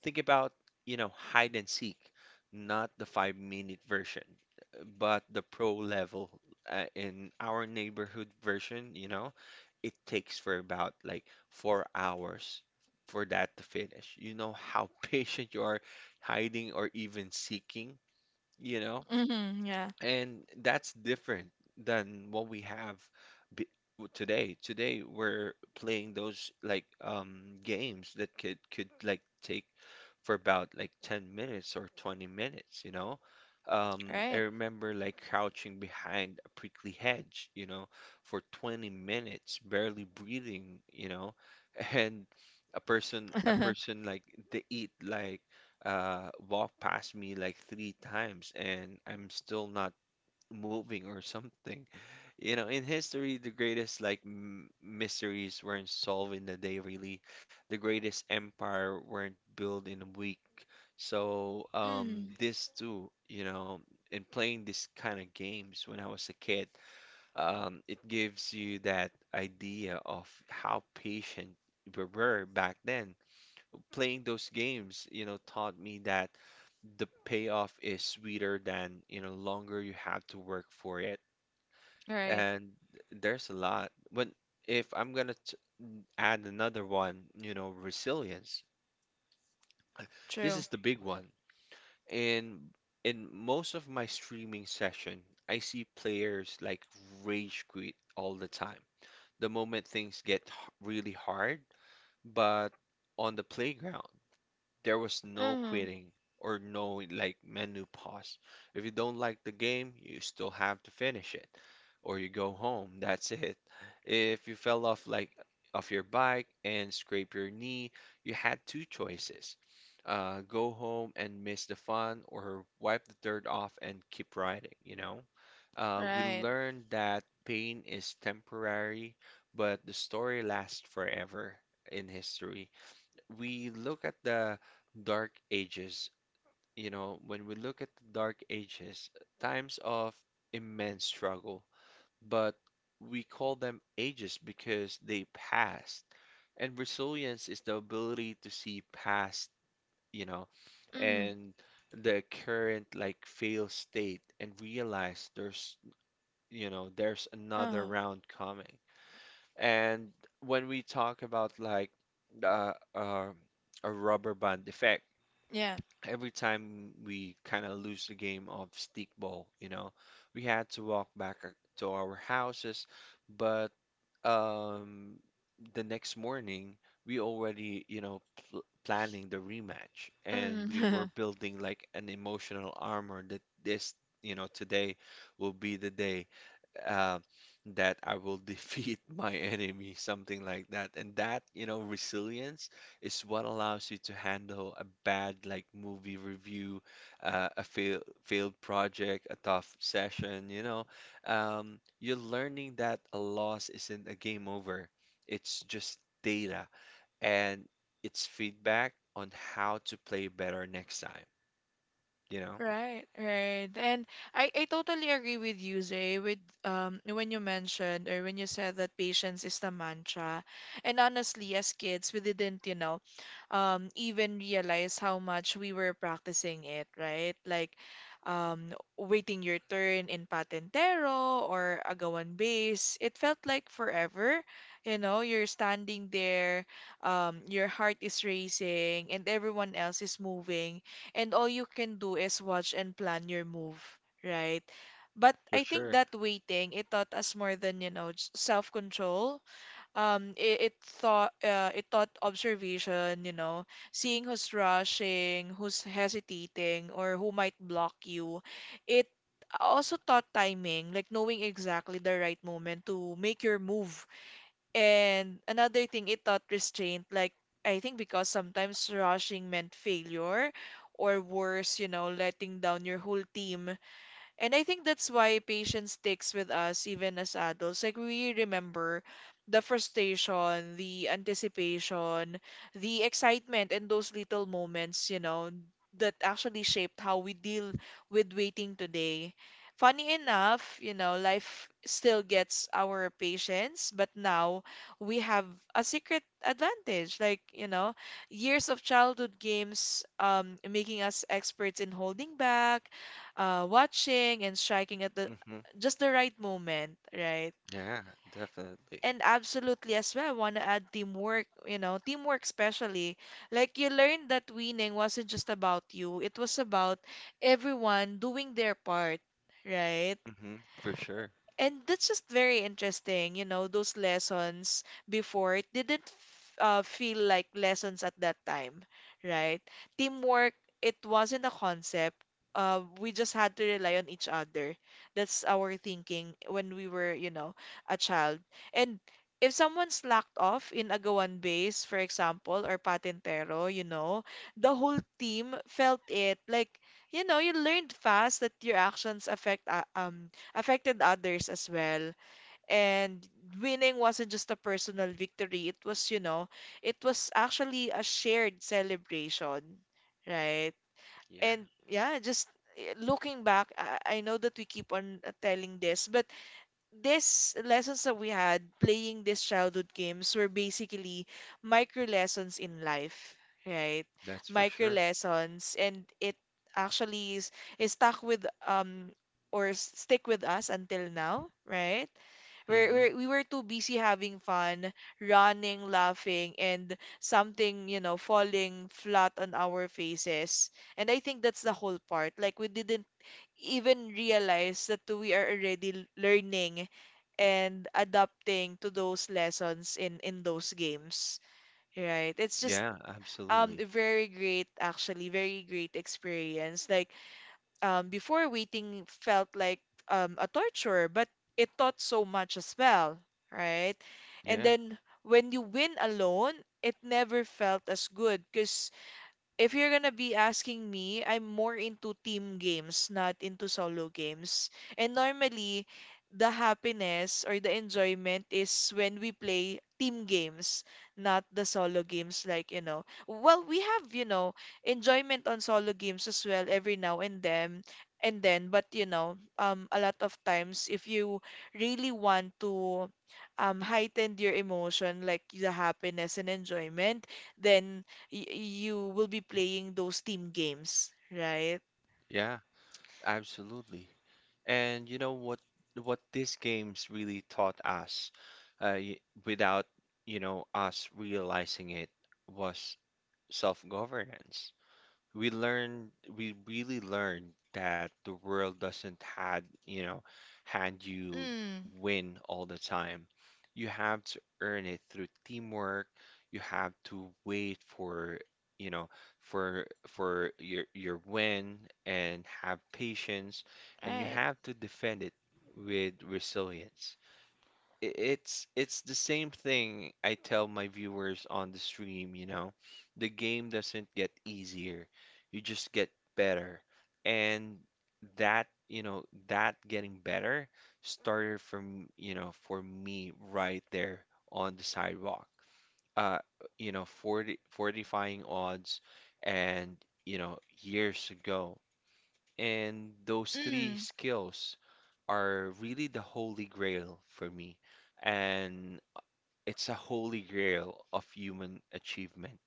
[SPEAKER 2] Think about, you know, hide and seek, not the 5 minute version, but the pro level. In our neighborhood version, you know, it takes for about like 4 hours for that to finish. You know how (laughs) patient you are hiding or even seeking, you know?
[SPEAKER 1] mm, yeah.
[SPEAKER 2] And that's different than what we have be- today. Today we're playing those like games that could like take for about like 10 minutes or 20 minutes, you know? I
[SPEAKER 1] Right.
[SPEAKER 2] remember like crouching behind a prickly hedge, you know, for 20 minutes, barely breathing, you know, (laughs) and a person a
[SPEAKER 1] (laughs)
[SPEAKER 2] person like they eat like walk past me like 3 times, and I'm still not moving or something. You know, in history, the greatest like m mysteries weren't solved in a day, really. The greatest empire weren't built in a week. So,
[SPEAKER 1] Mm,
[SPEAKER 2] this too, you know, in playing this kind of games when I was a kid, it gives you that idea of how patient we were back then. Playing those games, you know, taught me that the payoff is sweeter than, you know, longer you have to work for it.
[SPEAKER 1] right.
[SPEAKER 2] And there's a lot. But if I'm gonna t add another one, you know, resilience. (clears throat) This
[SPEAKER 1] True.
[SPEAKER 2] is the big one. In in most of my streaming session, I see players like rage quit all the time. The moment things get really hard. But on the playground, there was no
[SPEAKER 1] Mm,
[SPEAKER 2] quitting or no like menu pause. If you don't like the game, you still have to finish it or you go home. That's it. If you fell off your bike and scraped your knee, you had two choices. Go home and miss the fun, or wipe the dirt off and keep riding, you know? We
[SPEAKER 1] right.
[SPEAKER 2] learned that pain is temporary, but the story lasts forever. In history, we look at the dark ages, when we look at the dark ages, times of immense struggle, but we call them ages because they passed. And resilience is the ability to see past, you know,
[SPEAKER 1] Mm,
[SPEAKER 2] and the current like fail state, and realize there's another
[SPEAKER 1] uh-huh.
[SPEAKER 2] round coming. And when we talk about like uh, uh, a rubber band effect,
[SPEAKER 1] Yeah.
[SPEAKER 2] every time we kind of lose the game of stickball, we had to walk back to our houses. But um, the next morning we already, you know, pl planning the rematch, and we were
[SPEAKER 1] Mm. (laughs)
[SPEAKER 2] building like an emotional armor that this, today will be the day, uh, that I will defeat (laughs) my enemy, something like that. And that, resilience is what allows you to handle a bad like movie review, a failed project, a tough session, you know. You're learning that a loss isn't a game over. It's just data, and it's feedback on how to play better next time, you know?
[SPEAKER 1] Right, right. And I totally agree with you, Zay, with when you mentioned or when you said that patience is the mantra. And honestly, as kids, we didn't, even realize how much we were practicing it, right? Like, um waiting your turn in Patentero or Agawan Base. It felt like forever. You're standing there, your heart is racing and everyone else is moving and all you can do is watch and plan your move, right? But
[SPEAKER 2] For
[SPEAKER 1] I think
[SPEAKER 2] sure.
[SPEAKER 1] that waiting, it taught us more than, self-control. Um, it, it it taught observation, you know, seeing who's rushing, who's hesitating, or who might block you. It also taught timing, like knowing exactly the right moment to make your move, and another thing, it taught restraint. Like, I think because sometimes rushing meant failure, or worse, letting down your whole team. And I think that's why patience sticks with us even as adults. Like we remember the frustration, the anticipation, the excitement, and those little moments, that actually shaped how we deal with waiting today. Funny enough, life still gets our patience, but now we have a secret advantage. Like, years of childhood games making us experts in holding back, watching and striking at the
[SPEAKER 2] Hmm.
[SPEAKER 1] just the right moment, right?
[SPEAKER 2] Yeah, definitely.
[SPEAKER 1] And absolutely as well, I want to add teamwork, teamwork especially. Like you learned that winning wasn't just about you, it was about everyone doing their part, right?
[SPEAKER 2] Hmm. For sure.
[SPEAKER 1] And that's just very interesting, those lessons before it didn't feel like lessons at that time, right? Teamwork, it wasn't a concept. We just had to rely on each other. That's our thinking when we were, a child. And if someone slacked off in Agawan Base, for example, or Patintero, the whole team felt it. Like, you learned fast that your actions affected others as well. And winning wasn't just a personal victory, it was actually a shared celebration, right?
[SPEAKER 2] Yeah,
[SPEAKER 1] And yeah, just looking back, I know that we keep on telling this, but these lessons that we had playing these childhood games were basically micro lessons in life, right?
[SPEAKER 2] that's for
[SPEAKER 1] Micro
[SPEAKER 2] sure.
[SPEAKER 1] lessons, and it actually is stuck with or s- stick with us until now, right? We're,
[SPEAKER 2] Mm-hmm.
[SPEAKER 1] we're, we were too busy having fun, running, laughing, and something, falling flat on our faces. And I think that's the whole part. Like, we didn't even realize that we are already learning and adapting to those lessons in those games, right? It's just
[SPEAKER 2] Yeah, absolutely.
[SPEAKER 1] very great, actually very great experience. Like, before, waiting felt like a torture, but it taught so much as well, right? And
[SPEAKER 2] Yeah,
[SPEAKER 1] then when you win alone, it never felt as good, because if you're gonna be asking me, I'm more into team games, not into solo games. And normally, the happiness or the enjoyment is when we play team games, not the solo games. Like, well, we have, enjoyment on solo games as well every now and then. And then, but a lot of times, if you really want to heighten your emotion, like the happiness and enjoyment, then y- you will be playing those team games, right?
[SPEAKER 2] yeah, absolutely. And you know what these games really taught us, uh, y- without, us realizing it was self-governance. we learned we really learned that the world doesn't had you know hand you
[SPEAKER 1] Mm,
[SPEAKER 2] win all the time. You have to earn it through teamwork. You have to wait you know for your win and have patience, and you
[SPEAKER 1] right.
[SPEAKER 2] have to defend it with resilience. I- it's it's the same thing I tell my viewers on the stream, you know. The game doesn't get easier. You just get better. And that getting better started from, for me right there on the sidewalk. Uh, 40, fortifying odds and, years ago. And those three
[SPEAKER 1] Mm,
[SPEAKER 2] skills are really the holy grail for me. And it's a holy grail of human achievement.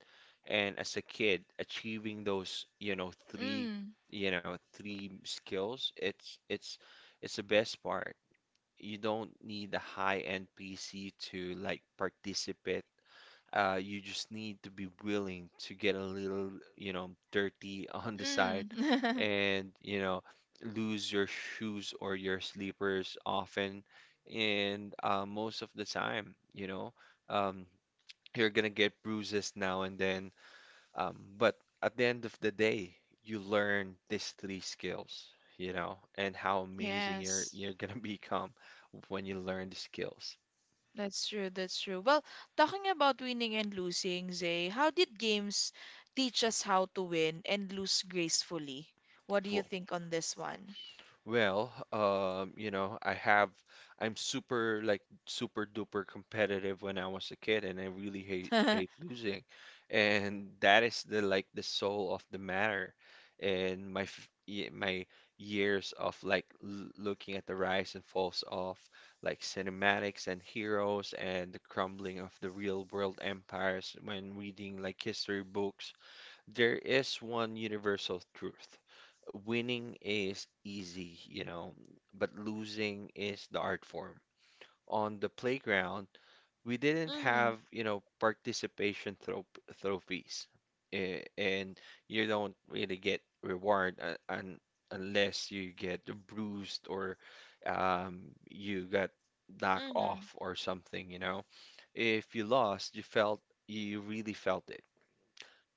[SPEAKER 2] And as a kid, achieving those, three skills, it's the best part. You don't need a high-end PC to like participate. You just need to be willing to get a little, dirty (laughs) on the side,
[SPEAKER 1] mm. (laughs)
[SPEAKER 2] and lose your shoes or your sleepers often, and most of the time, um, you're gonna get bruises now and then, but at the end of the day you learn these three skills, and how amazing you're
[SPEAKER 1] Yes,
[SPEAKER 2] you're gonna (laughs) become when you learn the skills.
[SPEAKER 1] that's true. That's true. Well, talking about winning and losing, Zay, how did games teach us how to win and lose gracefully? What do you
[SPEAKER 2] W-
[SPEAKER 1] think on this one?
[SPEAKER 2] Well, I'm super like super duper competitive when I was a kid, and I really hate
[SPEAKER 1] (laughs)
[SPEAKER 2] losing, and that is the like the soul of the matter. And my years of like l looking at the rise and falls of like cinematics and heroes and the crumbling of the real world empires when reading like history books, there is one universal truth. Winning is easy, but losing is the art form. On the playground, we didn't
[SPEAKER 1] Mm,
[SPEAKER 2] have, participation thro trophies, eh, and you don't really get reward, un unless you get bruised, or um, you got knocked
[SPEAKER 1] mm,
[SPEAKER 2] off or something, you know. If you lost, you really felt it.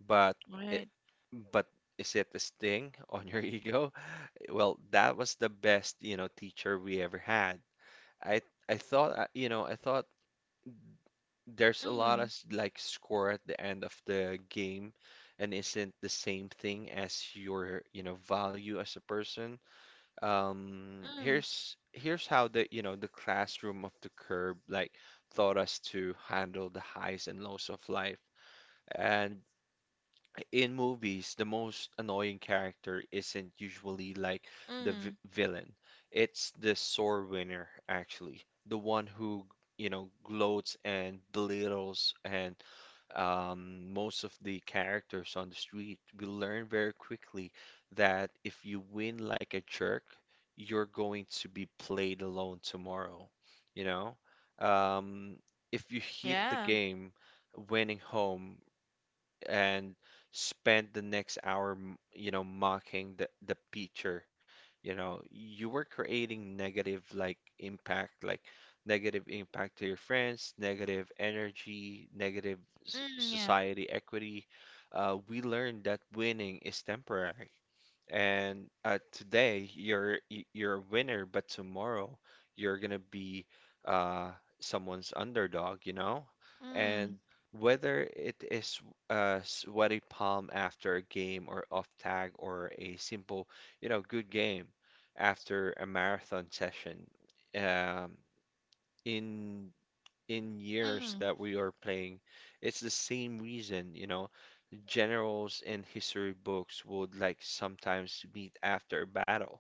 [SPEAKER 2] But it,
[SPEAKER 1] right.
[SPEAKER 2] but is it a sting (laughs) on your ego? Well, that was the best, teacher we ever had. I I thought there's a lot of
[SPEAKER 1] Mm,
[SPEAKER 2] like score at the end of the game, and isn't the same thing as your, value as a person. Um,
[SPEAKER 1] mm,
[SPEAKER 2] here's here's how the classroom of the curb like taught us to handle the highs and lows of life. And in movies, the most annoying character isn't usually like the v
[SPEAKER 1] mm.
[SPEAKER 2] villain. It's the sword winner, actually. The one who, gloats and belittles, and, most of the characters on the street. We learn very quickly that if you win like a jerk, you're going to be played alone tomorrow, you know? Um, if you hit the
[SPEAKER 1] Yeah.
[SPEAKER 2] game winning home, and spend the next hour, mocking the teacher. You know, you were creating negative like impact, like negative impact to your friends, negative energy, negative
[SPEAKER 1] Mm, yeah.
[SPEAKER 2] society equity. We learned that winning is temporary, and today you're a winner, but tomorrow you're gonna be, uh, someone's underdog, you know?
[SPEAKER 1] Mm,
[SPEAKER 2] And whether it is a sweaty palm after a game or off tag, or a simple, good game after a marathon session, um, in in years
[SPEAKER 1] mm.
[SPEAKER 2] that we are playing, it's the same reason, generals in history books would like sometimes meet after a battle.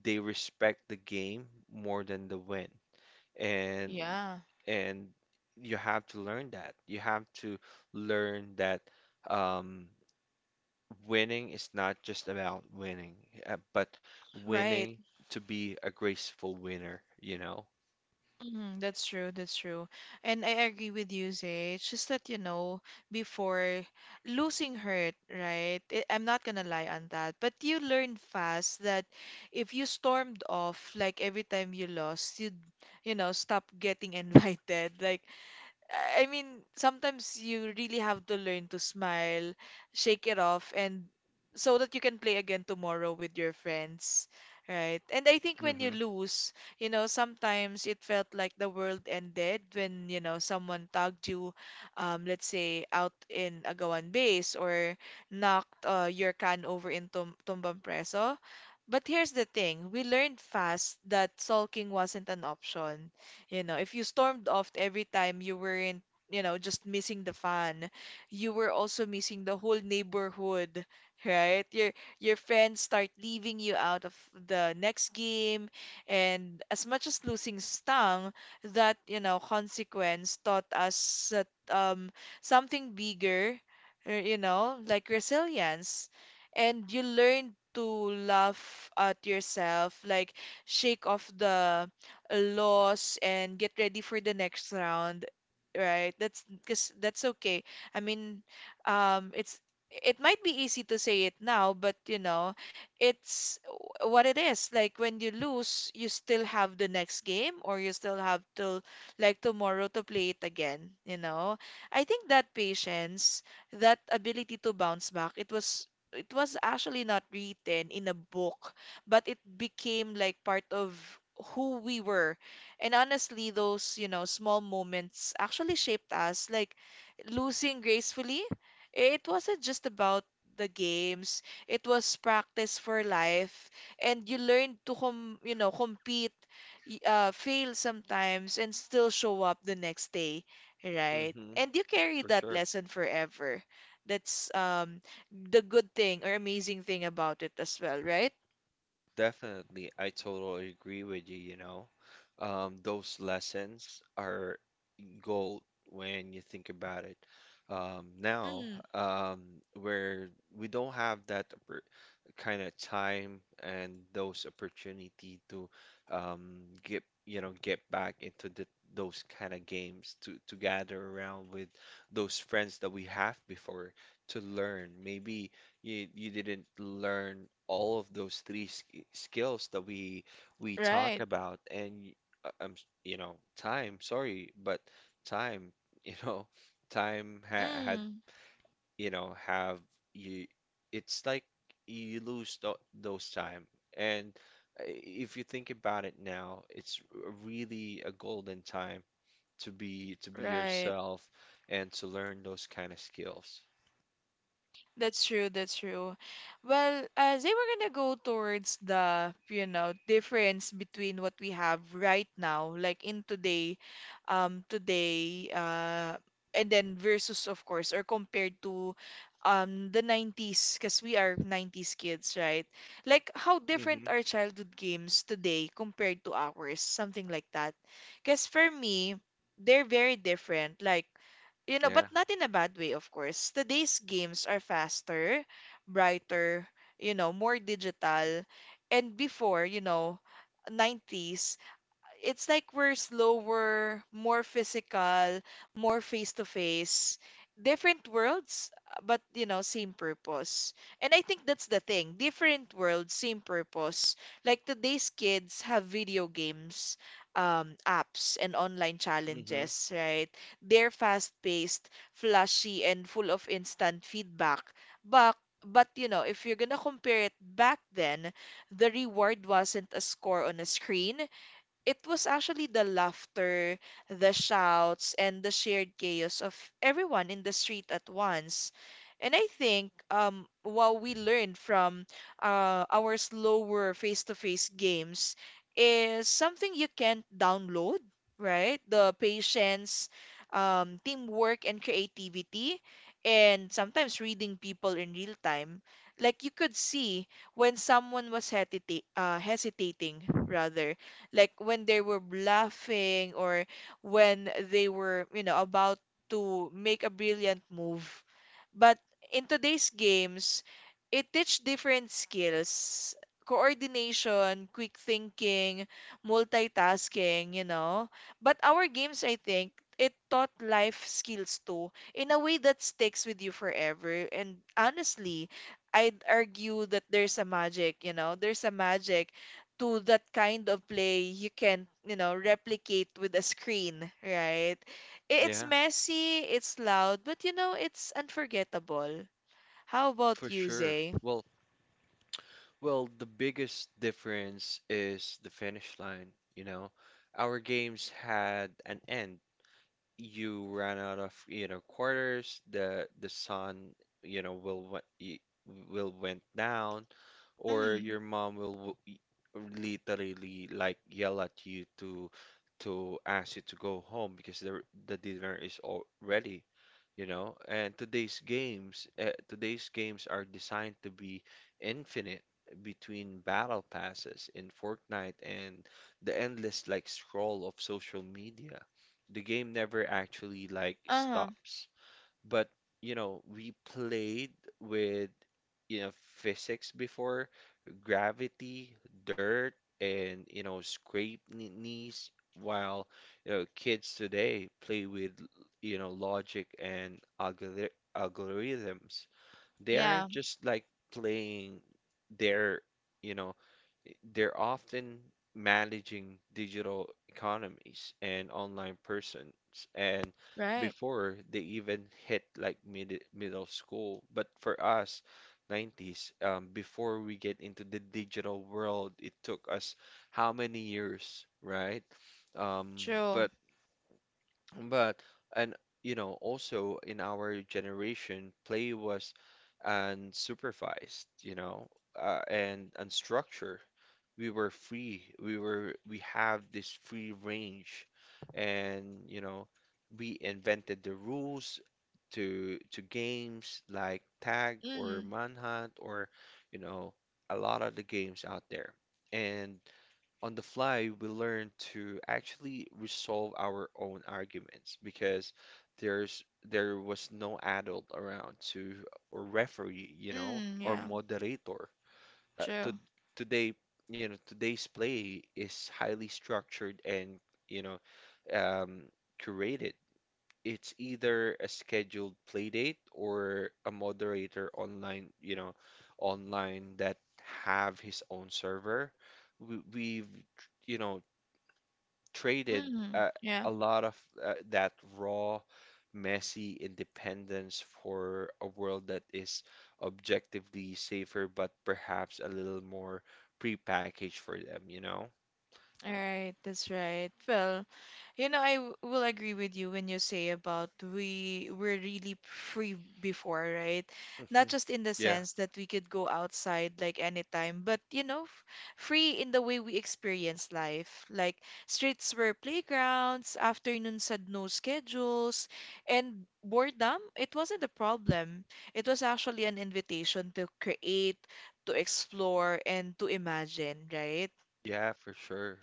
[SPEAKER 2] They respect the game more than the win. And
[SPEAKER 1] Yeah.
[SPEAKER 2] and you have to learn that. You have to learn that, um, winning is not just about winning, but
[SPEAKER 1] Right.
[SPEAKER 2] winning to be a graceful winner, you know?
[SPEAKER 1] Mm, that's true, that's true. And I agree with you, Zay. It's just that, before, losing hurt, right? I'm not gonna lie on that. But you learned fast that if you stormed off, like every time you lost, you'd, stop getting (laughs) invited. Like, I mean, sometimes you really have to learn to smile, shake it off, and so that you can play again tomorrow with your friends, right? And I think when
[SPEAKER 2] Hmm.
[SPEAKER 1] you lose, sometimes it felt like the world ended when, someone tagged you, let's say, out in Agawan Base or knocked, your can over in Tum Tumbang Preso. But here's the thing, we learned fast that sulking wasn't an option. If you stormed off every time you weren't, just missing the fun, you were also missing the whole neighborhood, (laughs) right? Your friends start leaving you out of the next game, and as much as losing stung, that, consequence taught us that something bigger, like resilience. And you learn to laugh at yourself, like shake off the loss and get ready for the next round, right? That's because that's okay. I mean, um, it's it might be easy to say it now, but it's what it is. Like when you lose, you still have the next game, or you still have to, like, tomorrow to play it again. You know, I think that patience, that ability to bounce back, it was actually not written in a book, but it became like part of who we were. And honestly, those, small moments actually shaped us. Like losing gracefully, it wasn't just about the games, it was practice for life. And you learned to, compete, fail sometimes, and still show up the next day, right?
[SPEAKER 2] Hmm.
[SPEAKER 1] And you carry
[SPEAKER 2] For
[SPEAKER 1] that
[SPEAKER 2] sure.
[SPEAKER 1] lesson forever. That's the good thing or amazing thing about it as well, right?
[SPEAKER 2] Definitely, I totally agree with you, you know. Those lessons are gold when you think about it. Now, um, where we don't have that kind of time and those opportunity to, get back into those kind of games to gather around with those friends that we have before to learn. Maybe you didn't learn all of those three sk skills that we talk
[SPEAKER 1] Right.
[SPEAKER 2] about, and you know, time. Sorry, but time. (laughs) You know, time ha had
[SPEAKER 1] Mm,
[SPEAKER 2] you know, have you. It's like you lose th those time, and if you think about it now, it's really a golden time to be
[SPEAKER 1] right.
[SPEAKER 2] yourself and to learn those kind of skills.
[SPEAKER 1] That's true, that's true. Well, as they were gonna go towards the, difference between what we have right now, like in today, and then versus, of course, or compared to the 90s, because we are 90s kids, right? Like how different
[SPEAKER 2] Hmm.
[SPEAKER 1] are childhood games today compared to ours, something like that. Because for me, they're very different. Like,
[SPEAKER 2] Yeah.
[SPEAKER 1] but not in a bad way, of course. Today's games are faster, brighter, more digital. And before, 90s, it's like we're slower, more physical, more face to face, different worlds, but same purpose. And I think that's the thing. Different worlds, same purpose. Like today's kids have video games, apps and online
[SPEAKER 2] Hmm.
[SPEAKER 1] challenges, right? They're fast-paced, flashy, and full of instant feedback. But if you're gonna compare it back then, the reward wasn't a score on a screen. It was actually the laughter, the shouts, and the shared chaos of everyone in the street at once. And I think what we learned from, our slower face-to-face games is something you can't download, right? The patience, teamwork, and creativity, and sometimes reading people in real time. Like you could see when someone was hesitating, rather, like when they were laughing or when they were, about to make a brilliant move. But in today's games, it teach different skills. Coordination, quick thinking, multitasking. But our games, I think, it taught life skills too in a way that sticks with you forever. And honestly, I'd argue that there's a magic, there's a magic to that kind of play you can, replicate with a screen, right? It's
[SPEAKER 2] Yeah,
[SPEAKER 1] messy, it's loud, but it's unforgettable. How about
[SPEAKER 2] for
[SPEAKER 1] you,
[SPEAKER 2] sure.
[SPEAKER 1] Zay?
[SPEAKER 2] Well, well, the biggest difference is the finish line, you know. Our games had an end. You ran out of, quarters, the sun, will went down, or
[SPEAKER 1] Mm.
[SPEAKER 2] your mom will literally like yell at you to ask you to go home, because the dinner is all ready, you know. And today's games are designed to be infinite, between battle passes in Fortnite and the endless like scroll of social media. The game never actually like
[SPEAKER 1] Uh-huh.
[SPEAKER 2] stops. But you know, we played with, you know physics before, gravity, dirt, and, scrape knees. While, kids today play with, logic and algorithms. They
[SPEAKER 1] Yeah.
[SPEAKER 2] aren't just like playing, their you know they're often managing digital economies and online persons, and
[SPEAKER 1] Right.
[SPEAKER 2] before they even hit like middle school. But for us, 90s, before we get into the digital world, it took us how many years, right? Um,
[SPEAKER 1] True.
[SPEAKER 2] but but and you know, also in our generation, play was unsupervised, and unstructured. We were free. We have this free range, and, we invented the rules to games like tag or
[SPEAKER 1] Mm.
[SPEAKER 2] manhunt, or, you know a lot of the games out there. And on the fly, we learn to actually resolve our own arguments, because there's there was no adult around to or referee, you know,
[SPEAKER 1] Mm.
[SPEAKER 2] or
[SPEAKER 1] Yeah.
[SPEAKER 2] moderator. To
[SPEAKER 1] True.
[SPEAKER 2] today, you know, today's play is highly structured, and, you know, um, curated. It's either a scheduled play date or a moderator online, you know, online that have his own server. We've you know traded,
[SPEAKER 1] Mm.
[SPEAKER 2] uh,
[SPEAKER 1] Yeah.
[SPEAKER 2] a lot of, that raw, messy independence for a world that is objectively safer, but perhaps a little more prepackaged for them, you know?
[SPEAKER 1] All right. That's right. Well, I will agree with you when you say about we were really free before, right? Not
[SPEAKER 2] Mhm.
[SPEAKER 1] just in the
[SPEAKER 2] Yeah,
[SPEAKER 1] sense that we could go outside like anytime, but free in the way we experience life. Like streets were playgrounds, afternoons had no schedules, and boredom, it wasn't a problem. It was actually an invitation to create, to explore, and to imagine, right?
[SPEAKER 2] yeah, for sure.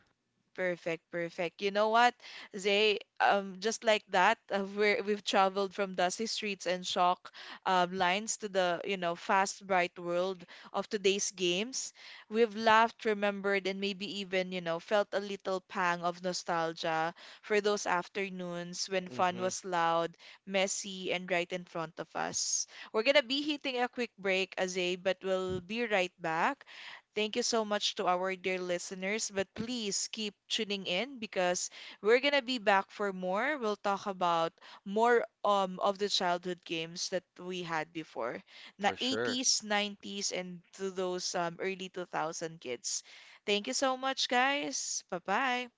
[SPEAKER 1] Perfect, perfect. You know what, Zay? Just like that, (laughs) we've traveled from dusty streets and shock lines to the, fast, bright world of today's games. We've laughed, remembered, and maybe even, felt a little pang of nostalgia for those afternoons when fun
[SPEAKER 2] Hmm.
[SPEAKER 1] was loud, messy, and right in front of us. We're gonna be hitting a quick break, Zay, but we'll be right back. Thank you so much to our dear listeners, but please keep tuning in because we're gonna be back for more. We'll talk about more of the childhood games that we had before, na
[SPEAKER 2] For sure.
[SPEAKER 1] 80s, 90s, and to those early 2000 kids. Thank you so much, guys. Bye bye.